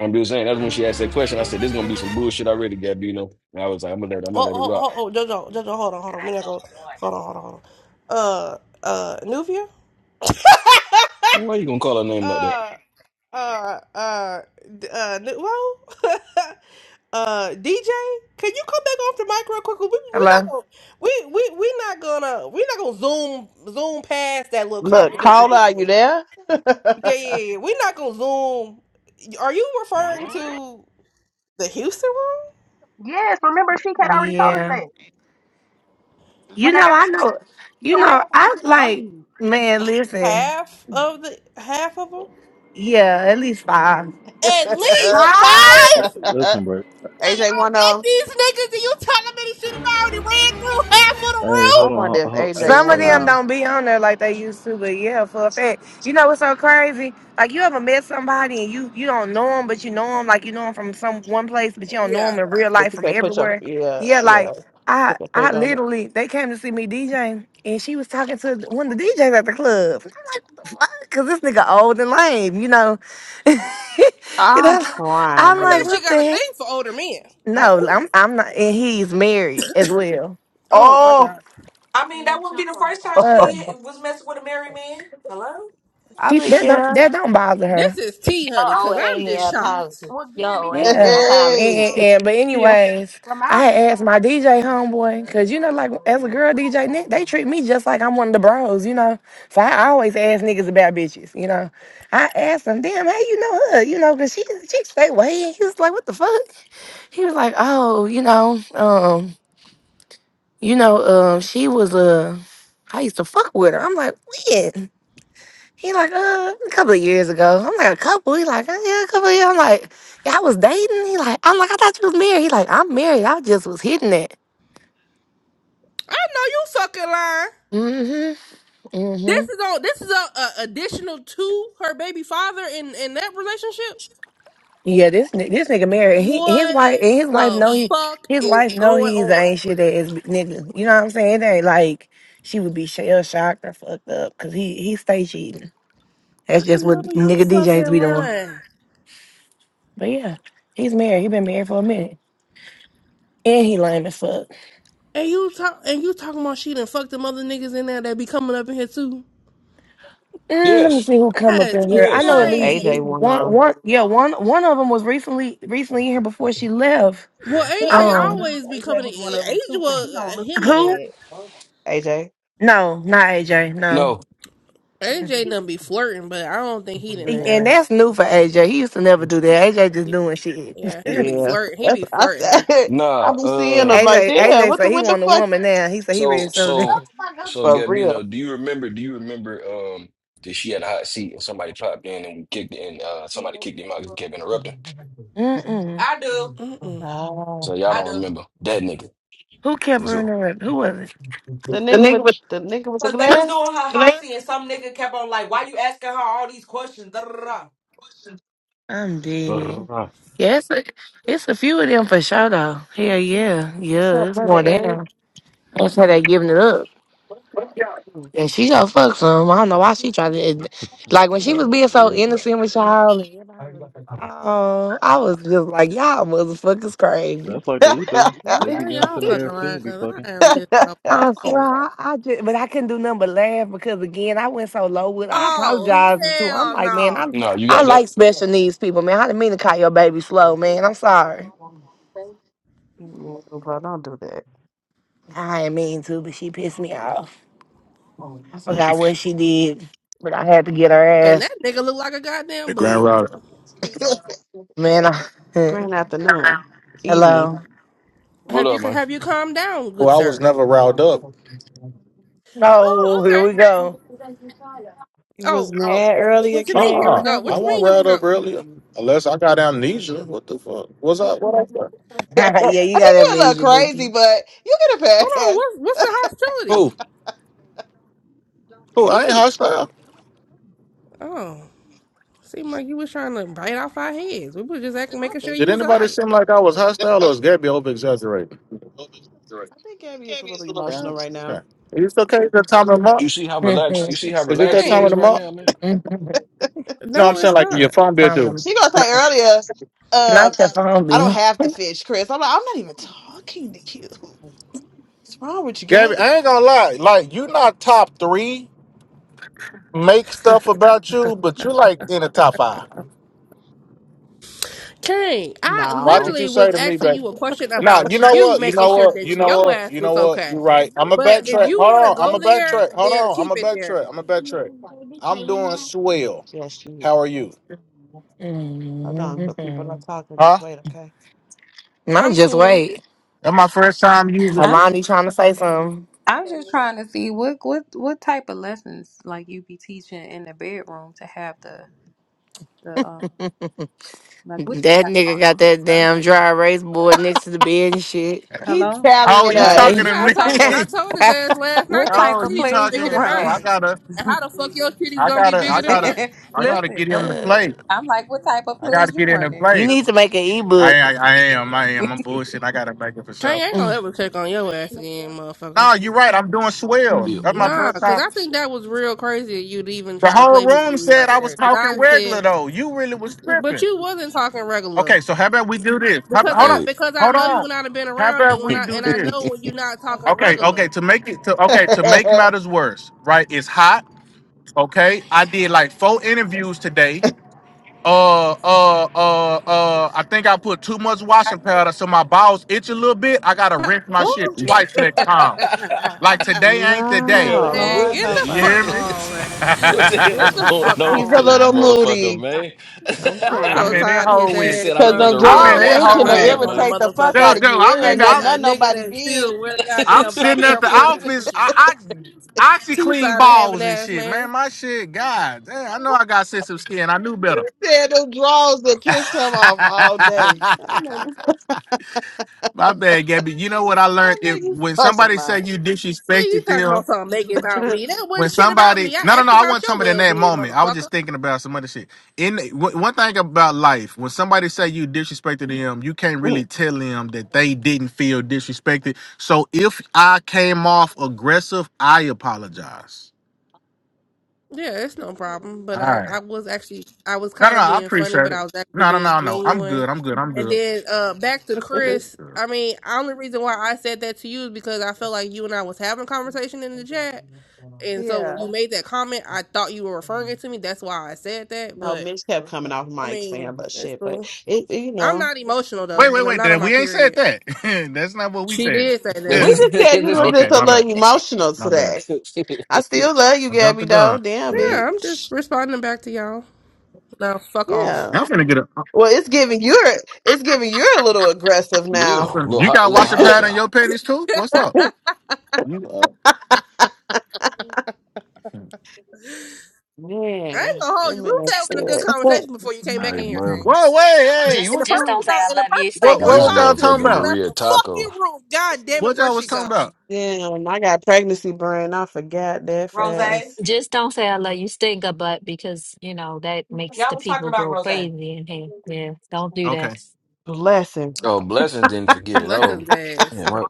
Speaker 4: I'm just saying. That's when she asked that question. I said, this gonna be some bullshit already, Gabino. And I was like, I'm gonna let, I'm gonna
Speaker 1: Oh
Speaker 4: let it rock.
Speaker 1: oh oh oh. Jojo Jojo, hold on hold on. We not go. Hold on hold on hold on. Uh uh Nuvia.
Speaker 4: Why you gonna call her name like that?
Speaker 1: Uh. uh, uh, d- uh, Nuo, uh, DJ, can you come back off the mic real quick? We we not
Speaker 6: Hello?
Speaker 1: gonna we we we not gonna we not gonna zoom zoom past that little
Speaker 2: Look,
Speaker 1: comment that you
Speaker 2: Carla,
Speaker 1: just
Speaker 2: are you
Speaker 1: made.
Speaker 2: there?
Speaker 1: Yeah, yeah, yeah. We're not gonna zoom. Are you referring to the Houston room?
Speaker 3: yes, remember
Speaker 6: Yeah.
Speaker 3: it.
Speaker 6: You know, I know. You know, I like, man, listen.
Speaker 1: Half of the half of them.
Speaker 6: Yeah, at least five.
Speaker 1: At least five.
Speaker 7: ass. Listen, bro.
Speaker 1: And
Speaker 2: AJ,
Speaker 1: I met
Speaker 2: wanna?
Speaker 1: these niggas, and you telling me this shit has already ran through half
Speaker 7: Hey,
Speaker 2: I
Speaker 7: hold
Speaker 1: of
Speaker 2: wonder
Speaker 7: on.
Speaker 2: if
Speaker 7: Hold, hold, hey,
Speaker 2: AJ
Speaker 6: Some of
Speaker 2: won
Speaker 6: them
Speaker 2: um
Speaker 7: hey.
Speaker 6: don't be on there like they used to, but yeah, for a fact. You know what's so crazy? Like you ever met somebody and you you don't know them, but you know them like you know them from some one place, but you
Speaker 1: the room?
Speaker 6: don't know
Speaker 1: Yeah,
Speaker 6: them in real
Speaker 2: but
Speaker 6: life
Speaker 2: you
Speaker 6: from
Speaker 2: can't put your
Speaker 6: everywhere.
Speaker 2: yeah,
Speaker 6: Yeah,
Speaker 2: yeah,
Speaker 6: like I
Speaker 2: put your
Speaker 6: I
Speaker 2: finger on it.
Speaker 6: literally they came to see me DJ and she was talking to one of the DJs at the club. Fuck, Cause this nigga old and lame, you know. you
Speaker 2: I'm
Speaker 6: know,
Speaker 2: crying,
Speaker 6: I'm
Speaker 1: I
Speaker 6: like,
Speaker 1: think
Speaker 2: bitch.
Speaker 1: she
Speaker 6: what
Speaker 1: got
Speaker 6: the
Speaker 1: a
Speaker 6: heck?
Speaker 1: thing for older men. Like,
Speaker 6: No, I'm I'm not, and he's married as well.
Speaker 1: Oh my
Speaker 2: Oh
Speaker 1: god.
Speaker 8: I mean, that wouldn't be the first time
Speaker 6: Uh,
Speaker 8: she was messing with a married man. Hello?
Speaker 2: I
Speaker 6: she
Speaker 2: mean
Speaker 6: that don't
Speaker 2: yeah.
Speaker 6: that don't bother her.
Speaker 1: This is tea,
Speaker 9: Y'all
Speaker 1: honey,
Speaker 3: I'm
Speaker 1: because
Speaker 9: owe
Speaker 1: I'm
Speaker 9: Amy
Speaker 1: just
Speaker 9: an
Speaker 1: shocked.
Speaker 9: apology.
Speaker 3: with Gabby.
Speaker 9: Y'all owe Amy an
Speaker 6: Yeah.
Speaker 2: Hey.
Speaker 6: And,
Speaker 9: apology.
Speaker 6: and, and- but
Speaker 9: yeah.
Speaker 6: anyways,
Speaker 3: From
Speaker 6: I
Speaker 3: our
Speaker 6: had asked my
Speaker 3: encounter,
Speaker 6: DJ
Speaker 3: Debbie, she
Speaker 6: homeboy,
Speaker 3: does
Speaker 6: cause you know,
Speaker 3: like
Speaker 6: like
Speaker 3: older
Speaker 6: as a girl DJ, Nick, they
Speaker 3: ladies.
Speaker 6: treat me just like I'm one of the bros, you know. So I always ask niggas about bitches, you know. I asked him, damn, how you know her, you know, cause she she stay way. And he was like, what the fuck? He was like, oh, you know, um, you know, um, she was uh, I used to fuck with her. I'm like, when? He like, uh, a couple of years ago. I'm like, a couple? He like, uh, yeah, a couple of years. I'm like, y'all was dating? He like, I'm like, I thought you was married. He like, I'm married. I just was hitting it.
Speaker 1: I know you fucking lying.
Speaker 6: Mm-hmm. Mm-hmm.
Speaker 1: This is on this is a, a additional to her baby father in, in that relationship?
Speaker 6: Yeah, this ni- this nigga married. And he his
Speaker 1: What
Speaker 6: wife and his wife
Speaker 1: the
Speaker 6: know he
Speaker 1: fuck
Speaker 6: his
Speaker 1: is
Speaker 6: wife know
Speaker 1: going
Speaker 6: he's an
Speaker 1: on?
Speaker 6: ain't shit ass nigga. You know what I'm saying? It ain't like she would be shell shocked or fucked up because he he stay cheating.
Speaker 1: I
Speaker 6: That's just what
Speaker 1: know you
Speaker 6: nigga DJs
Speaker 1: fucking
Speaker 6: be doing.
Speaker 1: lying.
Speaker 6: But yeah, he's married. He been married for a minute. And he lame as fuck.
Speaker 1: And you talk and you talking about she done fucked them other niggas in there that be coming up in here too.
Speaker 6: Mm, let me
Speaker 4: Yes,
Speaker 6: see who come up
Speaker 1: That's
Speaker 6: in here. I
Speaker 2: I
Speaker 6: know
Speaker 2: wonder
Speaker 6: at
Speaker 4: yes.
Speaker 2: if
Speaker 6: least
Speaker 2: AJ
Speaker 1: crazy.
Speaker 2: won
Speaker 6: one, one, yeah, one, one of them was recently, recently in here before she left.
Speaker 1: Well,
Speaker 3: I would
Speaker 1: AJ
Speaker 6: Um,
Speaker 1: always be coming. in- AJ, well, him and
Speaker 6: who?
Speaker 2: um AJ.
Speaker 6: No, not AJ. No,
Speaker 4: No,
Speaker 1: AJ done be flirting, but I don't think he done that.
Speaker 6: and
Speaker 2: Yeah.
Speaker 6: that's new for AJ. He used to never do that. AJ just doing shit.
Speaker 1: Yeah, he be
Speaker 2: Yeah.
Speaker 1: flirt. He
Speaker 2: That's
Speaker 1: be
Speaker 2: I
Speaker 1: flirting.
Speaker 2: said
Speaker 4: nah.
Speaker 2: I be seeing
Speaker 4: uh,
Speaker 2: them like,
Speaker 6: AJ,
Speaker 2: damn,
Speaker 6: AJ
Speaker 2: what the
Speaker 6: said he
Speaker 2: what the
Speaker 6: want a
Speaker 2: fuck?
Speaker 6: woman now. He said he ready
Speaker 4: So
Speaker 6: to settle
Speaker 4: so
Speaker 6: down.
Speaker 4: so
Speaker 2: For real.
Speaker 4: Gabino, do you remember do you remember um that she had a hot seat and somebody popped in and we kicked and uh somebody kicked him out because he kept interrupting?
Speaker 6: Mm-mm.
Speaker 8: I do.
Speaker 1: Mm-mm.
Speaker 2: Oh.
Speaker 4: So y'all
Speaker 8: I
Speaker 4: don't
Speaker 8: do.
Speaker 4: remember that nigga
Speaker 6: Who kept
Speaker 4: for
Speaker 6: her in
Speaker 4: sure.
Speaker 6: the rep? Who was it?
Speaker 2: The nigga with the nigga with the
Speaker 8: Because they was
Speaker 2: glass?
Speaker 8: doing her hossie and some nigga kept on like, why you asking her all these questions? Da, da, da, da.
Speaker 6: I'm dead.
Speaker 7: Brrrah.
Speaker 6: Yeah, it's a, it's a few of them for sure though. Hell yeah,
Speaker 2: What's
Speaker 6: yeah,
Speaker 2: up,
Speaker 6: it's
Speaker 2: brother
Speaker 6: going
Speaker 2: Eric?
Speaker 6: down. That's how they giving it up.
Speaker 2: Mm.
Speaker 6: And she gonna fuck some. I don't know why she tried to. Like when she was
Speaker 7: Y'all
Speaker 6: being so
Speaker 7: crazy.
Speaker 6: innocent with y'all, and, oh, I was just like, y'all motherfuckers crazy.
Speaker 7: That's like the
Speaker 2: No,
Speaker 7: ether.
Speaker 1: Girl,
Speaker 7: They
Speaker 1: I know
Speaker 7: be
Speaker 1: y'all
Speaker 7: innocent in
Speaker 1: fucking
Speaker 7: here
Speaker 1: lying
Speaker 7: too. Be
Speaker 1: because
Speaker 7: fucking.
Speaker 1: I am just
Speaker 6: I swear,
Speaker 1: appalled.
Speaker 6: I, I just, but I couldn't do nothing but laugh because again, I went so low with. I
Speaker 1: Oh
Speaker 6: apologize to. i I'm
Speaker 1: hell
Speaker 6: like, man,
Speaker 1: no!
Speaker 6: I'm,
Speaker 4: No, you
Speaker 6: I
Speaker 4: got that?
Speaker 6: like special needs people, man. I didn't mean to call your baby slow, man. I'm sorry.
Speaker 2: bro, don't do that.
Speaker 6: I didn't mean to, but she pissed me off. I forgot what she did, but I had to get her
Speaker 1: And
Speaker 6: ass,
Speaker 1: that nigga look like a
Speaker 10: The
Speaker 1: goddamn
Speaker 10: Grand
Speaker 1: bug.
Speaker 10: Router.
Speaker 6: man. I,
Speaker 2: Grand afternoon, evening.
Speaker 6: hello.
Speaker 4: What
Speaker 1: Have you
Speaker 4: up, man?
Speaker 1: have you calmed down, good
Speaker 10: Well, I was
Speaker 1: sir?
Speaker 10: never riled up.
Speaker 6: Oh,
Speaker 1: Oh
Speaker 6: here
Speaker 1: okay.
Speaker 6: we go.
Speaker 2: You was
Speaker 1: Oh oh,
Speaker 2: mad
Speaker 1: what,
Speaker 2: earlier,
Speaker 1: what you
Speaker 10: Uh
Speaker 1: mean?
Speaker 2: Kane.
Speaker 1: Here we
Speaker 2: What
Speaker 10: uh
Speaker 1: go.
Speaker 10: I
Speaker 1: What
Speaker 2: happened?
Speaker 1: you
Speaker 10: wasn't
Speaker 1: mean? Here we
Speaker 10: riled up
Speaker 1: go.
Speaker 10: earlier. Unless I got amnesia. What the fuck? Was I what I said?
Speaker 2: I
Speaker 6: yeah, you got
Speaker 2: think you're a little
Speaker 6: amnesia,
Speaker 2: crazy,
Speaker 6: Bookie.
Speaker 2: but you get a
Speaker 1: Hold on.
Speaker 2: pass.
Speaker 1: What's what's the hostility?
Speaker 10: Who? Who? I ain't
Speaker 1: You
Speaker 10: hostile.
Speaker 1: oh, seemed like you was trying to bite off our heads. We were just acting,
Speaker 2: I
Speaker 1: making
Speaker 2: don't
Speaker 1: sure
Speaker 2: think
Speaker 10: Did
Speaker 1: you
Speaker 2: so.
Speaker 1: was
Speaker 10: anybody
Speaker 1: alright.
Speaker 10: seem like I
Speaker 2: I
Speaker 10: was
Speaker 2: don't think so.
Speaker 10: hostile or is Gabby over exaggerating?
Speaker 2: I think Gabby is a little
Speaker 10: Yeah.
Speaker 2: emotional right now.
Speaker 10: Okay. Is it okay. It's that time of the
Speaker 2: Okay.
Speaker 4: You
Speaker 10: month.
Speaker 4: see how relaxed you see how
Speaker 10: Is it that
Speaker 4: relaxed he
Speaker 10: time of
Speaker 1: Dang.
Speaker 4: is
Speaker 10: the
Speaker 4: right
Speaker 10: month?
Speaker 4: now, man?
Speaker 10: No, I'm
Speaker 1: No, it's
Speaker 10: saying like your
Speaker 1: not.
Speaker 10: phone bill
Speaker 6: Time to
Speaker 10: due.
Speaker 2: She gonna say earlier, um,
Speaker 6: not your phone
Speaker 2: I don't
Speaker 6: bill.
Speaker 2: have to fish, Chris. I'm like, I'm not even talking to you. What's wrong with you,
Speaker 10: Gabby,
Speaker 2: Gabby?
Speaker 10: I ain't gonna lie. Like you not top three make stuff about you, but you like in the top five.
Speaker 1: King, I
Speaker 10: Watch
Speaker 2: No.
Speaker 10: what you
Speaker 1: literally
Speaker 10: say
Speaker 1: was
Speaker 10: to me, baby.
Speaker 1: asking you a question
Speaker 10: Now you
Speaker 1: about
Speaker 10: know
Speaker 1: you
Speaker 10: what? You know
Speaker 1: making sure
Speaker 10: what? You
Speaker 1: that
Speaker 10: know
Speaker 1: your
Speaker 10: what?
Speaker 1: ass
Speaker 10: You know
Speaker 1: was
Speaker 10: what? You're
Speaker 1: okay.
Speaker 10: right. I'm a
Speaker 1: But if
Speaker 10: backtrack.
Speaker 1: you
Speaker 10: Hold
Speaker 1: want to
Speaker 10: on. I'm a
Speaker 1: go there,
Speaker 10: backtrack. Hold
Speaker 1: then
Speaker 10: on. I'm
Speaker 1: keep
Speaker 10: a
Speaker 1: it there.
Speaker 10: backtrack. I'm a backtrack. I'm doing swell.
Speaker 2: Yes, she
Speaker 10: How are
Speaker 2: is.
Speaker 10: you?
Speaker 2: Hold on, but people are
Speaker 6: Mhm.
Speaker 2: talking.
Speaker 10: Huh?
Speaker 2: Just wait, okay?
Speaker 6: Not
Speaker 1: I'm
Speaker 6: just
Speaker 1: cool.
Speaker 6: wait.
Speaker 10: That's my first time using.
Speaker 5: I'm,
Speaker 6: Alani trying to say something.
Speaker 5: I'm just trying to see what, what, what type of lessons, like, you be teaching in the bedroom to have the, the um, like, what you
Speaker 6: That
Speaker 5: got going
Speaker 6: nigga got
Speaker 5: on,
Speaker 6: that
Speaker 5: sir?
Speaker 6: damn dry erase board next to the bed and shit.
Speaker 2: He's
Speaker 5: Hello?
Speaker 2: tallying
Speaker 10: Oh,
Speaker 2: it
Speaker 10: you
Speaker 2: up.
Speaker 5: What,
Speaker 10: talking to
Speaker 6: Like,
Speaker 1: Yeah, I
Speaker 10: me?
Speaker 5: what type
Speaker 1: told
Speaker 5: of,
Speaker 1: I told his ass last night
Speaker 5: what
Speaker 1: that his
Speaker 5: type
Speaker 10: oh,
Speaker 5: of
Speaker 10: you
Speaker 1: titties was
Speaker 5: plays
Speaker 1: bigger
Speaker 5: you
Speaker 10: talking?
Speaker 1: than
Speaker 10: Oh,
Speaker 5: running?
Speaker 10: I
Speaker 1: mine.
Speaker 10: gotta,
Speaker 1: And how the fuck your titties
Speaker 10: I
Speaker 1: gonna be
Speaker 10: gotta, I
Speaker 1: bigger than
Speaker 10: gotta,
Speaker 1: mine?
Speaker 10: I gotta
Speaker 5: Listen,
Speaker 10: get him to
Speaker 6: uh,
Speaker 10: play.
Speaker 5: I'm like, what type of
Speaker 10: I
Speaker 5: plays
Speaker 10: gotta
Speaker 5: you
Speaker 10: get in and
Speaker 5: running?
Speaker 6: you
Speaker 10: play.
Speaker 5: The
Speaker 6: need to make an
Speaker 10: I,
Speaker 6: ebook.
Speaker 10: I, I am. I am. I'm bullshit. I gotta make it for
Speaker 1: King
Speaker 10: sure.
Speaker 1: ain't gonna
Speaker 6: huh?
Speaker 1: ever check on your ass again, motherfucker.
Speaker 10: No, you're right. I'm doing swell.
Speaker 4: Yeah.
Speaker 10: That's my
Speaker 1: Nah,
Speaker 10: first
Speaker 1: cause
Speaker 10: time.
Speaker 1: I think that was real crazy of you to even
Speaker 10: The
Speaker 1: try to
Speaker 10: whole
Speaker 1: play
Speaker 10: room
Speaker 1: me
Speaker 10: said
Speaker 1: like
Speaker 10: I was
Speaker 1: that. Cause
Speaker 10: talking
Speaker 1: I
Speaker 10: regular
Speaker 1: said,
Speaker 10: though. You really was
Speaker 1: but
Speaker 10: tripping.
Speaker 1: you wasn't talking regular.
Speaker 10: Okay, so how about we do this? How,
Speaker 1: Because
Speaker 10: hold
Speaker 1: I
Speaker 10: on,
Speaker 4: Hey.
Speaker 1: because I
Speaker 10: hold
Speaker 1: know you
Speaker 10: on.
Speaker 1: and I've been
Speaker 10: How
Speaker 1: around
Speaker 10: about
Speaker 1: you and
Speaker 10: we
Speaker 1: I
Speaker 10: do
Speaker 1: and I know
Speaker 10: this?
Speaker 1: when you're not talking
Speaker 10: Okay, okay.
Speaker 1: regular.
Speaker 10: To make it to okay to make matters worse, right? It's hot. Okay, I did like four interviews today. Uh, uh, uh, uh. I think I put too much washing powder, so my balls itch a little bit. I gotta rinse my
Speaker 5: Ooh,
Speaker 10: shit twice next time.
Speaker 1: Man,
Speaker 10: Like today ain't the day.
Speaker 4: Yo,
Speaker 2: No,
Speaker 5: Lord
Speaker 4: what
Speaker 1: get
Speaker 5: help
Speaker 1: the
Speaker 10: You
Speaker 5: us.
Speaker 1: fuck
Speaker 10: hear me?
Speaker 1: on,
Speaker 4: the
Speaker 1: man.
Speaker 4: what the hell
Speaker 1: Get
Speaker 4: is
Speaker 1: the
Speaker 4: going
Speaker 1: fuck
Speaker 4: on
Speaker 2: He's
Speaker 4: with
Speaker 2: a
Speaker 1: on, man.
Speaker 4: this
Speaker 2: little
Speaker 4: motherfucker,
Speaker 2: moody.
Speaker 4: man?
Speaker 2: I'm
Speaker 1: I'm
Speaker 10: I'm
Speaker 1: so
Speaker 10: in
Speaker 2: crying.
Speaker 10: it
Speaker 1: tired of his
Speaker 10: hole
Speaker 4: he
Speaker 10: with.
Speaker 1: ass,
Speaker 4: said I
Speaker 2: Cause
Speaker 4: used
Speaker 2: the
Speaker 1: bro.
Speaker 4: the
Speaker 1: Be
Speaker 10: I'm
Speaker 1: the
Speaker 4: wrong
Speaker 10: in
Speaker 2: draws
Speaker 10: it
Speaker 1: last
Speaker 4: washing
Speaker 1: time
Speaker 10: hole
Speaker 2: itching to
Speaker 1: I
Speaker 4: powder,
Speaker 10: with.
Speaker 1: check on a
Speaker 4: man.
Speaker 2: irritate the fuck
Speaker 10: No,
Speaker 2: out
Speaker 1: motherfucking
Speaker 2: of
Speaker 10: no.
Speaker 2: you. It
Speaker 10: I'm
Speaker 1: a,
Speaker 2: ain't
Speaker 10: in.
Speaker 1: ni-
Speaker 2: got
Speaker 10: I'm
Speaker 1: a
Speaker 2: nothing
Speaker 1: nigga
Speaker 2: nobody
Speaker 1: that
Speaker 2: did.
Speaker 1: still wear
Speaker 10: I'm
Speaker 1: goddamn
Speaker 10: sitting
Speaker 1: black
Speaker 10: at
Speaker 1: Air
Speaker 10: the
Speaker 1: Forces and
Speaker 10: office.
Speaker 1: shit.
Speaker 10: I, I actually
Speaker 1: Too
Speaker 10: clean
Speaker 1: tired of having
Speaker 10: balls and
Speaker 1: ass,
Speaker 10: shit,
Speaker 1: man.
Speaker 10: man.
Speaker 1: Man,
Speaker 10: My shit, God, damn, I know I got sensitive skin. I knew better.
Speaker 2: said them draws that pissed him off all day. I know you,
Speaker 10: My bad, Gabby. You know what I
Speaker 2: I
Speaker 10: learned?
Speaker 2: know
Speaker 10: It,
Speaker 2: you
Speaker 10: when
Speaker 2: fucking
Speaker 10: somebody say
Speaker 2: lying.
Speaker 10: you
Speaker 1: you
Speaker 10: disrespected
Speaker 1: talking
Speaker 10: them,
Speaker 1: about something make it about me. That
Speaker 10: when
Speaker 1: wasn't shit about
Speaker 10: somebody
Speaker 1: me.
Speaker 10: no
Speaker 1: I
Speaker 10: no no
Speaker 1: asked
Speaker 10: i
Speaker 1: about
Speaker 10: wasn't
Speaker 1: your
Speaker 10: talking about in
Speaker 1: well
Speaker 10: that
Speaker 1: being,
Speaker 10: moment i was
Speaker 1: motherfucker.
Speaker 10: just thinking about some other shit in w- one thing about life when somebody say you disrespected them you can't really tell them that they didn't feel disrespected so if i came off aggressive i apologize
Speaker 1: Yeah, it's no problem. But
Speaker 10: all
Speaker 1: I, I
Speaker 10: right
Speaker 1: was actually, I was
Speaker 10: no no
Speaker 1: kind
Speaker 10: no
Speaker 1: of
Speaker 10: i
Speaker 1: being funny,
Speaker 10: appreciate
Speaker 1: but I
Speaker 10: it
Speaker 1: was actually
Speaker 10: no no
Speaker 1: being
Speaker 10: no no i'm
Speaker 1: genuine.
Speaker 10: good i'm good i'm
Speaker 1: And
Speaker 10: good
Speaker 1: then uh, back to
Speaker 10: Yeah, I'm
Speaker 1: Chris.
Speaker 10: good.
Speaker 1: I mean, only reason why I said that to you is because I felt like you and I was having a conversation in the chat, and so
Speaker 2: yeah.
Speaker 1: when you made that comment, I thought you were referring it to me. That's why I said that.
Speaker 2: No,
Speaker 1: But
Speaker 2: Mitch kept coming off
Speaker 1: I
Speaker 2: mic
Speaker 1: mean,
Speaker 2: saying but
Speaker 1: it's
Speaker 2: shit, but
Speaker 1: cool.
Speaker 2: it, it, you
Speaker 1: I'm
Speaker 2: know.
Speaker 1: not emotional
Speaker 10: wait
Speaker 1: though,
Speaker 10: wait
Speaker 1: and I'm
Speaker 10: wait
Speaker 1: not on
Speaker 10: that-
Speaker 1: my
Speaker 10: we ain't said
Speaker 1: period.
Speaker 10: that that's not what we
Speaker 1: She
Speaker 10: said
Speaker 1: did say
Speaker 4: Yeah,
Speaker 1: that.
Speaker 2: We just said you were just
Speaker 10: okay
Speaker 2: a
Speaker 10: my bad
Speaker 2: little emotional
Speaker 10: my bad
Speaker 2: today. I still love you,
Speaker 10: i jumped
Speaker 2: Gabby
Speaker 10: the
Speaker 2: though.
Speaker 10: gun
Speaker 2: Damn
Speaker 1: Yeah,
Speaker 10: i'm
Speaker 1: I'm just
Speaker 2: bitch.
Speaker 1: responding back to y'all. Now fuck off.
Speaker 2: Yeah.
Speaker 10: finna get up
Speaker 2: Well it's giving you're it's giving you're a little aggressive
Speaker 4: a
Speaker 10: I'm
Speaker 2: now.
Speaker 10: from,
Speaker 4: little
Speaker 10: you
Speaker 4: hot, a
Speaker 10: got
Speaker 4: little
Speaker 10: washing pad
Speaker 4: hostile.
Speaker 10: on your panties too? What's up? You uh,
Speaker 1: I
Speaker 2: man.
Speaker 1: ain't gonna hold
Speaker 2: That
Speaker 1: you. We was
Speaker 2: man
Speaker 9: Just,
Speaker 1: having a good
Speaker 2: said.
Speaker 1: conversation before you came
Speaker 4: All
Speaker 1: back
Speaker 4: right,
Speaker 1: in here, King.
Speaker 4: man.
Speaker 10: whoa, wait,
Speaker 1: and
Speaker 10: hey,
Speaker 1: and
Speaker 9: just,
Speaker 1: the
Speaker 10: what
Speaker 9: just
Speaker 1: person
Speaker 9: don't
Speaker 1: that
Speaker 9: say
Speaker 10: you
Speaker 1: I,
Speaker 9: I
Speaker 1: and the
Speaker 9: love you,
Speaker 1: person that I
Speaker 10: what
Speaker 9: stinker
Speaker 10: what
Speaker 1: want to
Speaker 4: This
Speaker 10: was
Speaker 9: butt.
Speaker 1: talk
Speaker 10: y'all
Speaker 1: to
Speaker 10: talking
Speaker 4: motherfucking
Speaker 1: just
Speaker 10: about?
Speaker 1: left
Speaker 4: burrito
Speaker 1: the fucking
Speaker 4: taco.
Speaker 1: room. God damn it,
Speaker 10: What
Speaker 1: where
Speaker 10: y'all was
Speaker 1: she
Speaker 10: talking
Speaker 1: go?
Speaker 10: about?
Speaker 2: Damn, I got pregnancy brain. I forgot that
Speaker 8: Rose.
Speaker 2: fast.
Speaker 8: Y'all
Speaker 9: Just don't say I love you, stinker butt, because you know that makes the
Speaker 8: was talking
Speaker 9: people
Speaker 8: about
Speaker 9: go
Speaker 8: Rose. Because
Speaker 9: crazy in here. Yeah, don't do
Speaker 10: Okay.
Speaker 9: that.
Speaker 2: Bless him.
Speaker 4: Oh, blessings didn't forget it.
Speaker 1: Bless
Speaker 4: all.
Speaker 1: his ass,
Speaker 4: yeah.
Speaker 1: bro.
Speaker 4: My,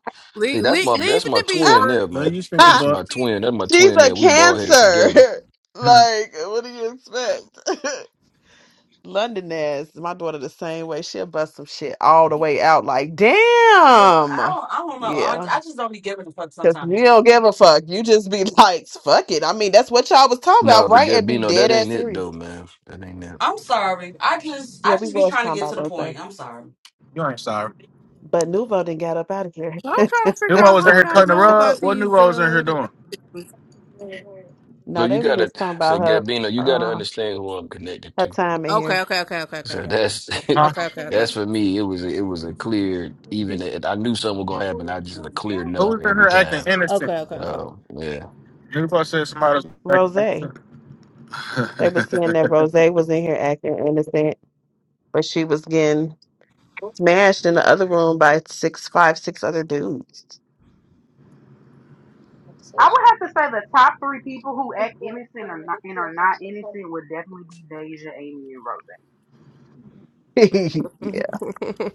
Speaker 4: see,
Speaker 1: Leave,
Speaker 4: that's
Speaker 1: leave,
Speaker 4: my that's
Speaker 1: leave it
Speaker 4: my
Speaker 1: to
Speaker 4: twin
Speaker 1: Beaver.
Speaker 4: there,
Speaker 10: Let
Speaker 4: man.
Speaker 10: you stink
Speaker 1: Leave
Speaker 4: That's
Speaker 1: it
Speaker 10: about
Speaker 1: to
Speaker 4: my twin.
Speaker 1: Beaver.
Speaker 4: That's my
Speaker 2: She's
Speaker 4: twin
Speaker 2: a
Speaker 4: there. We ball
Speaker 2: cancer.
Speaker 4: headed together.
Speaker 10: you
Speaker 2: like, what do you expect? London ass. My daughter the same way. She'll bust some shit all the way out. Like,
Speaker 8: I
Speaker 2: damn.
Speaker 8: don't, I don't know. I,
Speaker 2: Yeah.
Speaker 8: I just don't be giving a fuck
Speaker 2: Cause we
Speaker 8: sometimes.
Speaker 2: don't give a fuck. You just be like, fuck it. I mean, that's what y'all was talking about,
Speaker 4: No, but
Speaker 2: right? And be
Speaker 4: Gabino,
Speaker 2: dead
Speaker 4: that
Speaker 2: ass
Speaker 4: ain't it
Speaker 2: serious.
Speaker 4: though, man. That ain't it.
Speaker 8: I'm sorry. I just
Speaker 2: Yeah,
Speaker 8: I
Speaker 2: we
Speaker 8: just be
Speaker 2: was
Speaker 8: trying to
Speaker 2: talking
Speaker 8: get
Speaker 2: about
Speaker 8: to the
Speaker 2: those things.
Speaker 8: point. I'm sorry.
Speaker 10: ain't sorry.
Speaker 2: But Nuvo didn't got up out of here.
Speaker 1: I'm trying to figure
Speaker 10: Nuvo
Speaker 1: out
Speaker 10: was
Speaker 1: how
Speaker 10: in here
Speaker 1: y'all
Speaker 10: cutting the
Speaker 1: know about
Speaker 10: rug. What
Speaker 1: these.
Speaker 10: Nuvo was in here
Speaker 1: Uh,
Speaker 10: doing?
Speaker 1: interactions.
Speaker 4: So
Speaker 2: no,
Speaker 4: you
Speaker 2: they were
Speaker 4: gotta
Speaker 2: just talking
Speaker 4: say,
Speaker 2: about her.
Speaker 4: Gabino, you gotta
Speaker 2: uh,
Speaker 4: understand who I'm connected
Speaker 2: her
Speaker 4: to.
Speaker 2: time in here.
Speaker 1: okay, okay, okay, okay, okay,
Speaker 4: So
Speaker 1: okay,
Speaker 4: that's
Speaker 10: Huh?
Speaker 1: okay, okay, okay, okay,
Speaker 4: that's
Speaker 1: okay.
Speaker 4: for me. It was a, it was a clear
Speaker 2: She-
Speaker 4: even. if I knew something was gonna happen. I just a clear
Speaker 10: Who was
Speaker 4: no
Speaker 10: in
Speaker 4: every
Speaker 10: here acting
Speaker 4: time.
Speaker 10: innocent?
Speaker 1: Okay, okay, okay.
Speaker 4: Um, yeah.
Speaker 10: Nuvo said somebody was acting
Speaker 2: Rose.
Speaker 10: innocent.
Speaker 2: They were saying that Rose was in here acting innocent, but she was getting smashed in the other room by six, five, six other dudes.
Speaker 3: I would have to say the top three people who act innocent or not, and are not innocent would definitely be Deja, Amy, and Rose
Speaker 2: yeah,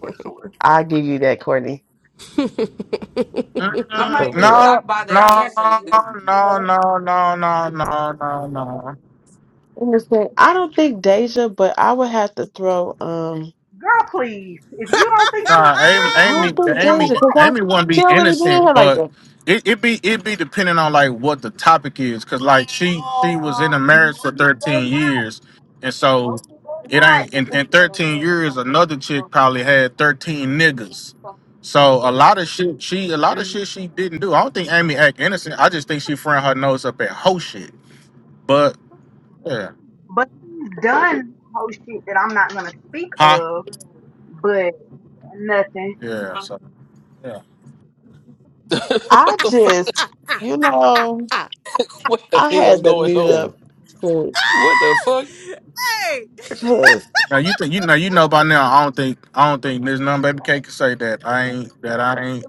Speaker 3: for
Speaker 1: ah,
Speaker 3: sure.
Speaker 2: I give you that, Courtney,
Speaker 8: I'm not
Speaker 2: for
Speaker 10: Mm,
Speaker 8: even
Speaker 2: real.
Speaker 10: no,
Speaker 8: shocked by that
Speaker 3: Hey,
Speaker 10: no,
Speaker 3: Gabby,
Speaker 8: answer
Speaker 10: no,
Speaker 3: please
Speaker 8: either.
Speaker 3: you
Speaker 10: no,
Speaker 3: up,
Speaker 10: no, no, no, no, no.
Speaker 2: Innocent. I don't think Deja, but I would have to throw. Um,
Speaker 3: girl. Please, if you don't think she,
Speaker 10: Nah, Amy,
Speaker 2: I
Speaker 10: Amy,
Speaker 2: don't
Speaker 3: please,
Speaker 2: think
Speaker 3: she's number
Speaker 10: Amy,
Speaker 2: Deja because
Speaker 3: one.
Speaker 2: I
Speaker 10: Amy wouldn't be
Speaker 2: she don't really be in
Speaker 10: innocent,
Speaker 2: here like
Speaker 10: but
Speaker 2: that.
Speaker 10: it it be it be depending on like what the topic is, cause like she she was in a
Speaker 3: Um,
Speaker 10: marriage for
Speaker 3: no, she does
Speaker 10: thirteen
Speaker 3: not.
Speaker 10: years, and
Speaker 3: No,
Speaker 10: so
Speaker 3: she does
Speaker 10: it
Speaker 3: not.
Speaker 10: ain't in, in thirteen years another chick probably had thirteen niggas, so a lot of shit she a lot of
Speaker 3: Mm,
Speaker 10: shit she didn't do. I don't think Amy act innocent. I just think she frying her nose up at hoe shit. But yeah,
Speaker 3: But she's done whole shit that I'm not gonna speak
Speaker 10: huh?
Speaker 3: of. But nothing.
Speaker 10: Yeah,
Speaker 8: Um,
Speaker 10: so. yeah.
Speaker 2: I
Speaker 4: what the fuck?
Speaker 2: just, you know,
Speaker 4: What the
Speaker 2: I
Speaker 4: hell's
Speaker 2: had to
Speaker 4: going
Speaker 2: mute
Speaker 4: on?
Speaker 2: up
Speaker 4: What the fuck?
Speaker 1: hey,
Speaker 2: because
Speaker 10: Now you think you know you know by now. I don't think I don't think there's none baby K can say that I ain't that I ain't.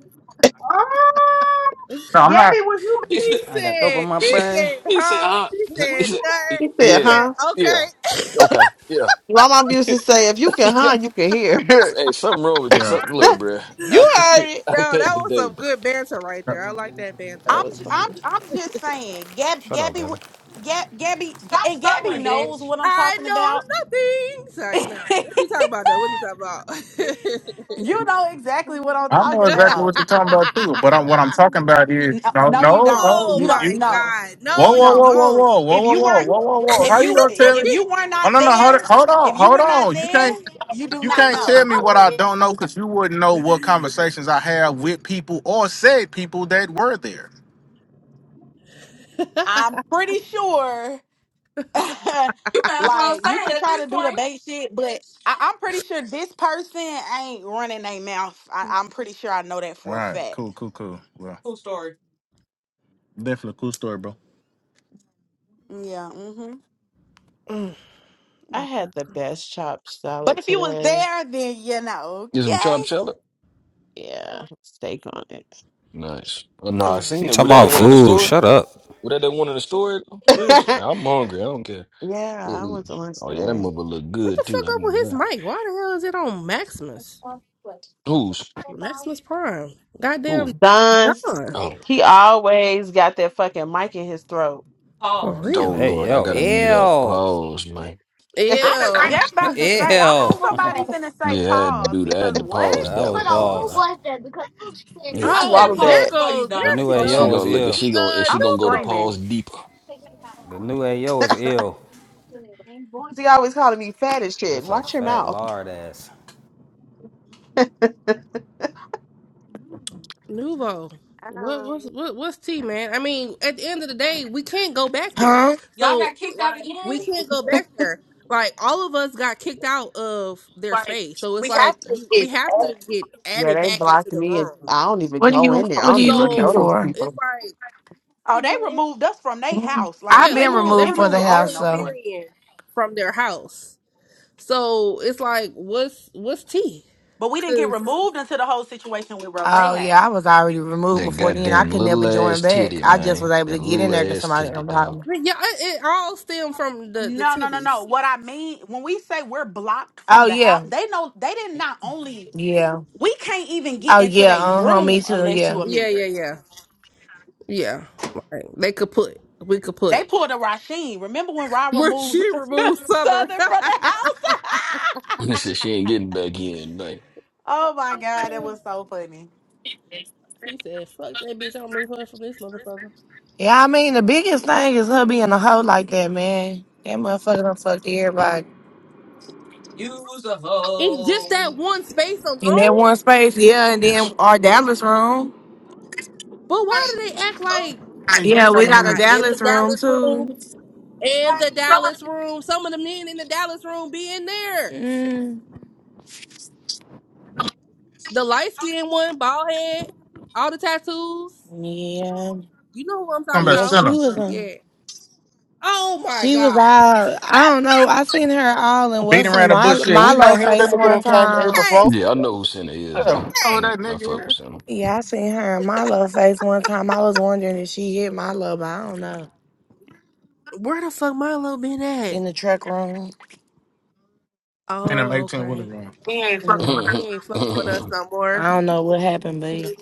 Speaker 3: Um,
Speaker 10: No, I'm not.
Speaker 3: Gabby, was you
Speaker 4: He
Speaker 1: he
Speaker 4: said.
Speaker 11: I got dope on
Speaker 1: said,
Speaker 11: my
Speaker 1: he
Speaker 4: She,
Speaker 11: brain.
Speaker 1: said,
Speaker 4: he said.
Speaker 1: huh?
Speaker 4: Uh,
Speaker 1: He
Speaker 3: Were
Speaker 4: he
Speaker 1: said,
Speaker 4: said.
Speaker 3: you
Speaker 1: nothing.
Speaker 2: he
Speaker 3: guys together?
Speaker 1: He
Speaker 2: said,
Speaker 4: Yeah.
Speaker 1: said,
Speaker 2: "Huh."
Speaker 1: okay.
Speaker 4: Yeah. Okay. Yeah.
Speaker 2: My mom used to say, if you can
Speaker 4: yeah.
Speaker 2: hunt, you can hear.
Speaker 4: Hey, something wrong with
Speaker 10: Yeah,
Speaker 4: something, look, bruh. I
Speaker 2: you
Speaker 4: can't.
Speaker 2: heard it.
Speaker 4: I
Speaker 1: Yo,
Speaker 4: can't
Speaker 1: that was
Speaker 4: today.
Speaker 1: some good banter right there. I like that.
Speaker 2: That
Speaker 3: I'm
Speaker 2: was
Speaker 3: j- I'm
Speaker 2: funny.
Speaker 3: I'm just saying, Gab,
Speaker 11: Shut up,
Speaker 3: Gabby,
Speaker 11: Gavin.
Speaker 3: w- Gab, Gabby, G-
Speaker 8: stop
Speaker 3: and Gabby
Speaker 8: stuttering, bitch.
Speaker 3: knows what I'm
Speaker 1: I
Speaker 3: talking
Speaker 1: know
Speaker 3: about.
Speaker 1: nothing.
Speaker 3: you
Speaker 1: Sorry, no. What you talking about though? What you talking about?
Speaker 3: know exactly what I'm
Speaker 10: I know
Speaker 3: talking
Speaker 10: exactly
Speaker 3: about.
Speaker 10: what you're talking about too. But I'm, what I'm talking about is
Speaker 3: No,
Speaker 10: no,
Speaker 3: no, you
Speaker 10: no,
Speaker 3: don't.
Speaker 10: no.
Speaker 1: oh
Speaker 3: You
Speaker 10: You,
Speaker 3: don't.
Speaker 1: my
Speaker 10: you
Speaker 3: No,
Speaker 1: god.
Speaker 10: whoa,
Speaker 1: No,
Speaker 3: you
Speaker 1: you
Speaker 10: whoa,
Speaker 3: don't.
Speaker 10: whoa, whoa,
Speaker 1: don't.
Speaker 10: whoa, whoa,
Speaker 3: If
Speaker 10: whoa,
Speaker 3: you
Speaker 10: whoa,
Speaker 3: weren't,
Speaker 10: whoa, whoa, whoa.
Speaker 3: if
Speaker 10: How you
Speaker 3: you
Speaker 10: gonna tell me?
Speaker 3: if you were
Speaker 10: Oh
Speaker 3: not
Speaker 10: no, no, hold, it-
Speaker 3: there,
Speaker 10: hold
Speaker 3: if
Speaker 10: on,
Speaker 3: you
Speaker 10: hold
Speaker 3: were not
Speaker 10: on. You
Speaker 3: there,
Speaker 10: can't
Speaker 3: you do
Speaker 10: you
Speaker 3: not
Speaker 10: can't tell
Speaker 3: know.
Speaker 10: me what I don't know because you wouldn't know what conversations I have with people or said people that were there.
Speaker 3: I'm pretty sure.
Speaker 8: You might as well
Speaker 3: like
Speaker 8: say
Speaker 3: you could
Speaker 8: it at
Speaker 3: try
Speaker 8: this
Speaker 3: to do the
Speaker 8: point.
Speaker 3: bait shit, but I, I'm pretty sure this person ain't running their mouth. I, I'm pretty sure I know that
Speaker 10: All
Speaker 3: for a
Speaker 10: right,
Speaker 3: fact.
Speaker 10: cool, cool, cool. Well,
Speaker 8: Cool story.
Speaker 10: definitely a cool story, bro.
Speaker 3: Yeah. hmm
Speaker 2: I had the best chopped
Speaker 3: But
Speaker 2: salad
Speaker 3: if you was
Speaker 2: today.
Speaker 3: there, then you know.
Speaker 4: Get some chopped
Speaker 3: Okay.
Speaker 4: cheddar.
Speaker 2: Yeah, steak on it.
Speaker 4: Nice. Oh, no, I
Speaker 1: Mm.
Speaker 4: seen
Speaker 11: You
Speaker 4: it.
Speaker 11: talking
Speaker 4: Was that the
Speaker 11: about
Speaker 4: one in the
Speaker 11: food?
Speaker 4: store?
Speaker 11: Shut up.
Speaker 4: What that the one in the store, Chris? Nah, I'm hungry. I don't care.
Speaker 2: yeah, I
Speaker 4: Still
Speaker 2: went
Speaker 4: eating.
Speaker 2: to lunch
Speaker 4: Oh yeah, that
Speaker 2: today.
Speaker 4: mother look
Speaker 1: What the
Speaker 4: good too.
Speaker 1: fuck
Speaker 4: I
Speaker 1: up with
Speaker 4: ain't gonna
Speaker 1: his
Speaker 4: lie.
Speaker 1: mic? Why the hell is it on Maximus?
Speaker 4: Who's
Speaker 1: Maximus Prime. Goddamn
Speaker 4: who?
Speaker 2: Don's,
Speaker 1: John.
Speaker 4: Oh,
Speaker 2: he always got that fucking mic in his throat.
Speaker 1: For
Speaker 8: Pause.
Speaker 4: oh
Speaker 1: real.
Speaker 11: Hey,
Speaker 4: Lord, I
Speaker 11: yo,
Speaker 4: gotta mute up.
Speaker 11: ew,
Speaker 4: Pause, man.
Speaker 3: I was
Speaker 1: Ew.
Speaker 3: just
Speaker 11: ew.
Speaker 3: about to say. I hope
Speaker 11: that
Speaker 3: somebody finna say
Speaker 4: Yeah, I had to
Speaker 3: pause
Speaker 4: do that. I
Speaker 3: because
Speaker 4: had to
Speaker 3: what?
Speaker 4: pause that
Speaker 2: Hold
Speaker 11: was
Speaker 4: one. I
Speaker 2: on,
Speaker 4: ain't gonna
Speaker 2: who
Speaker 11: pause.
Speaker 4: lie.
Speaker 2: was that? Because who just said- just
Speaker 8: I
Speaker 4: It.
Speaker 1: Oh,
Speaker 11: The,
Speaker 8: said
Speaker 2: swallow
Speaker 11: the,
Speaker 1: there
Speaker 2: that.
Speaker 8: pause for you,
Speaker 1: goes there
Speaker 11: the
Speaker 8: Don.
Speaker 11: new
Speaker 8: It's
Speaker 1: she
Speaker 4: And
Speaker 11: AO
Speaker 4: she
Speaker 8: okay.
Speaker 11: was
Speaker 1: goes.
Speaker 4: gonna look. And
Speaker 11: ill.
Speaker 1: The
Speaker 4: she gonna. And
Speaker 1: uh
Speaker 4: she
Speaker 3: I'm
Speaker 4: gonna go to
Speaker 1: Nuvo.
Speaker 3: screaming.
Speaker 4: pause deeper.
Speaker 11: The new AO was ill.
Speaker 2: He always calling me fat and shit.
Speaker 11: Just a
Speaker 2: Watch your
Speaker 11: fat
Speaker 2: mouth.
Speaker 11: lard ass.
Speaker 1: Nuvo. What what's what, what's T man? I mean, at the end of the day, we can't go back there.
Speaker 8: Y'all got
Speaker 1: So
Speaker 8: kicked out
Speaker 1: like
Speaker 8: again?
Speaker 1: we can't go back there. Like all of us got kicked out of their
Speaker 6: What are
Speaker 1: space. So it's like you, we have to get
Speaker 2: Yeah,
Speaker 1: added
Speaker 2: they
Speaker 1: back into
Speaker 2: blocked
Speaker 1: the
Speaker 2: me, and
Speaker 1: room.
Speaker 2: I don't even go
Speaker 6: you
Speaker 2: in there.
Speaker 6: What
Speaker 2: I
Speaker 6: are
Speaker 2: don't
Speaker 6: you
Speaker 2: even
Speaker 6: looking
Speaker 2: know
Speaker 1: So
Speaker 2: those
Speaker 6: for?
Speaker 1: it's
Speaker 2: people.
Speaker 1: like
Speaker 3: Oh, they removed us from their
Speaker 6: Mm.
Speaker 3: house. Like
Speaker 6: I've
Speaker 3: we
Speaker 1: yeah, they
Speaker 6: been
Speaker 3: ain't
Speaker 1: moved
Speaker 3: even
Speaker 1: they
Speaker 6: removed for
Speaker 3: members
Speaker 6: the
Speaker 1: removed
Speaker 3: over there
Speaker 1: all
Speaker 6: house,
Speaker 3: no
Speaker 6: so.
Speaker 3: more.
Speaker 1: Ethereum from their house. So it's like what's what's T?
Speaker 3: But we didn't get
Speaker 1: Cuz
Speaker 3: removed until the whole situation with Rose
Speaker 6: Oh yeah,
Speaker 3: happened.
Speaker 6: I was already removed
Speaker 4: That
Speaker 6: before then. I
Speaker 4: goddamn
Speaker 6: could never
Speaker 4: little
Speaker 6: join
Speaker 4: ass
Speaker 6: back.
Speaker 4: titty,
Speaker 6: I just was
Speaker 4: man.
Speaker 6: able to
Speaker 4: That
Speaker 6: get in there
Speaker 4: little
Speaker 6: because
Speaker 4: ass
Speaker 6: somebody
Speaker 4: titty,
Speaker 6: unblocked me.
Speaker 4: dog.
Speaker 1: yeah, it, it all stemmed from the the
Speaker 3: No, no, no, no.
Speaker 1: titties.
Speaker 3: What I mean when we say we're blocked from
Speaker 6: Oh
Speaker 3: the house,
Speaker 6: yeah,
Speaker 3: they know they didn't not only
Speaker 6: yeah.
Speaker 3: we can't even get
Speaker 6: Oh
Speaker 3: into
Speaker 6: yeah,
Speaker 3: their
Speaker 6: uh huh. Me
Speaker 3: room
Speaker 6: too.
Speaker 3: unless you
Speaker 6: Yeah,
Speaker 3: a
Speaker 1: Yeah, yeah,
Speaker 3: member.
Speaker 1: yeah. Yeah, like they could put, we could
Speaker 3: They
Speaker 1: put.
Speaker 3: pulled a Rasheen. Remember when Ra
Speaker 1: Where
Speaker 3: removed
Speaker 1: she removed Southern.
Speaker 3: Southern from the house?
Speaker 4: She said she ain't getting back in tonight.
Speaker 3: oh my god, that was so funny.
Speaker 1: he said, fuck that bitch, I'll remove her from this motherfucker.
Speaker 6: yeah. I mean, the biggest thing is her being a hoe like that, man. That motherfucker done fucked everybody
Speaker 8: Use a
Speaker 1: In just
Speaker 8: hoe.
Speaker 1: that one space
Speaker 6: in that
Speaker 1: alone?
Speaker 6: one space. Yeah, and
Speaker 4: Yes.
Speaker 6: then our Dallas room.
Speaker 1: But why do they act like,
Speaker 6: Yeah,
Speaker 1: oh
Speaker 6: we
Speaker 1: my
Speaker 6: got a
Speaker 1: God, in the
Speaker 6: Dallas room
Speaker 1: Dallas room?
Speaker 6: too.
Speaker 1: In the Dallas room. Some of the men in the Dallas room be in there.
Speaker 6: Mm.
Speaker 1: The light skinned one, bald head, all the tattoos.
Speaker 6: Yeah,
Speaker 1: You know who I'm
Speaker 10: Talking
Speaker 1: talking
Speaker 10: about
Speaker 6: yeah.
Speaker 1: about.
Speaker 6: She
Speaker 10: sinner.
Speaker 6: was on.
Speaker 1: Yeah. Oh my
Speaker 6: She was
Speaker 1: God.
Speaker 6: out. I don't know. I seen her all in
Speaker 10: Beating
Speaker 6: what's in
Speaker 10: around the
Speaker 6: my
Speaker 10: bush shit. We know
Speaker 6: Milo
Speaker 10: him. That
Speaker 6: face
Speaker 10: nigga
Speaker 6: one
Speaker 10: done came here
Speaker 6: time.
Speaker 1: Hey,
Speaker 10: before.
Speaker 4: Yeah, I know who Santa is
Speaker 10: Yeah, we know
Speaker 4: though.
Speaker 10: who
Speaker 4: I,
Speaker 10: that
Speaker 1: hey.
Speaker 4: I fuck
Speaker 10: nigga. is.
Speaker 4: with
Speaker 6: Yeah, I seen her in Milo face one time. I was wondering if she hit Milo, but I don't know.
Speaker 1: Where the fuck Milo been at?
Speaker 6: In the truck room.
Speaker 10: In them
Speaker 1: Oh,
Speaker 10: 18 wheeler
Speaker 1: okay.
Speaker 10: room.
Speaker 6: Mm.
Speaker 4: Santa.
Speaker 1: He ain't fucking with us no more.
Speaker 6: I don't know what happened, but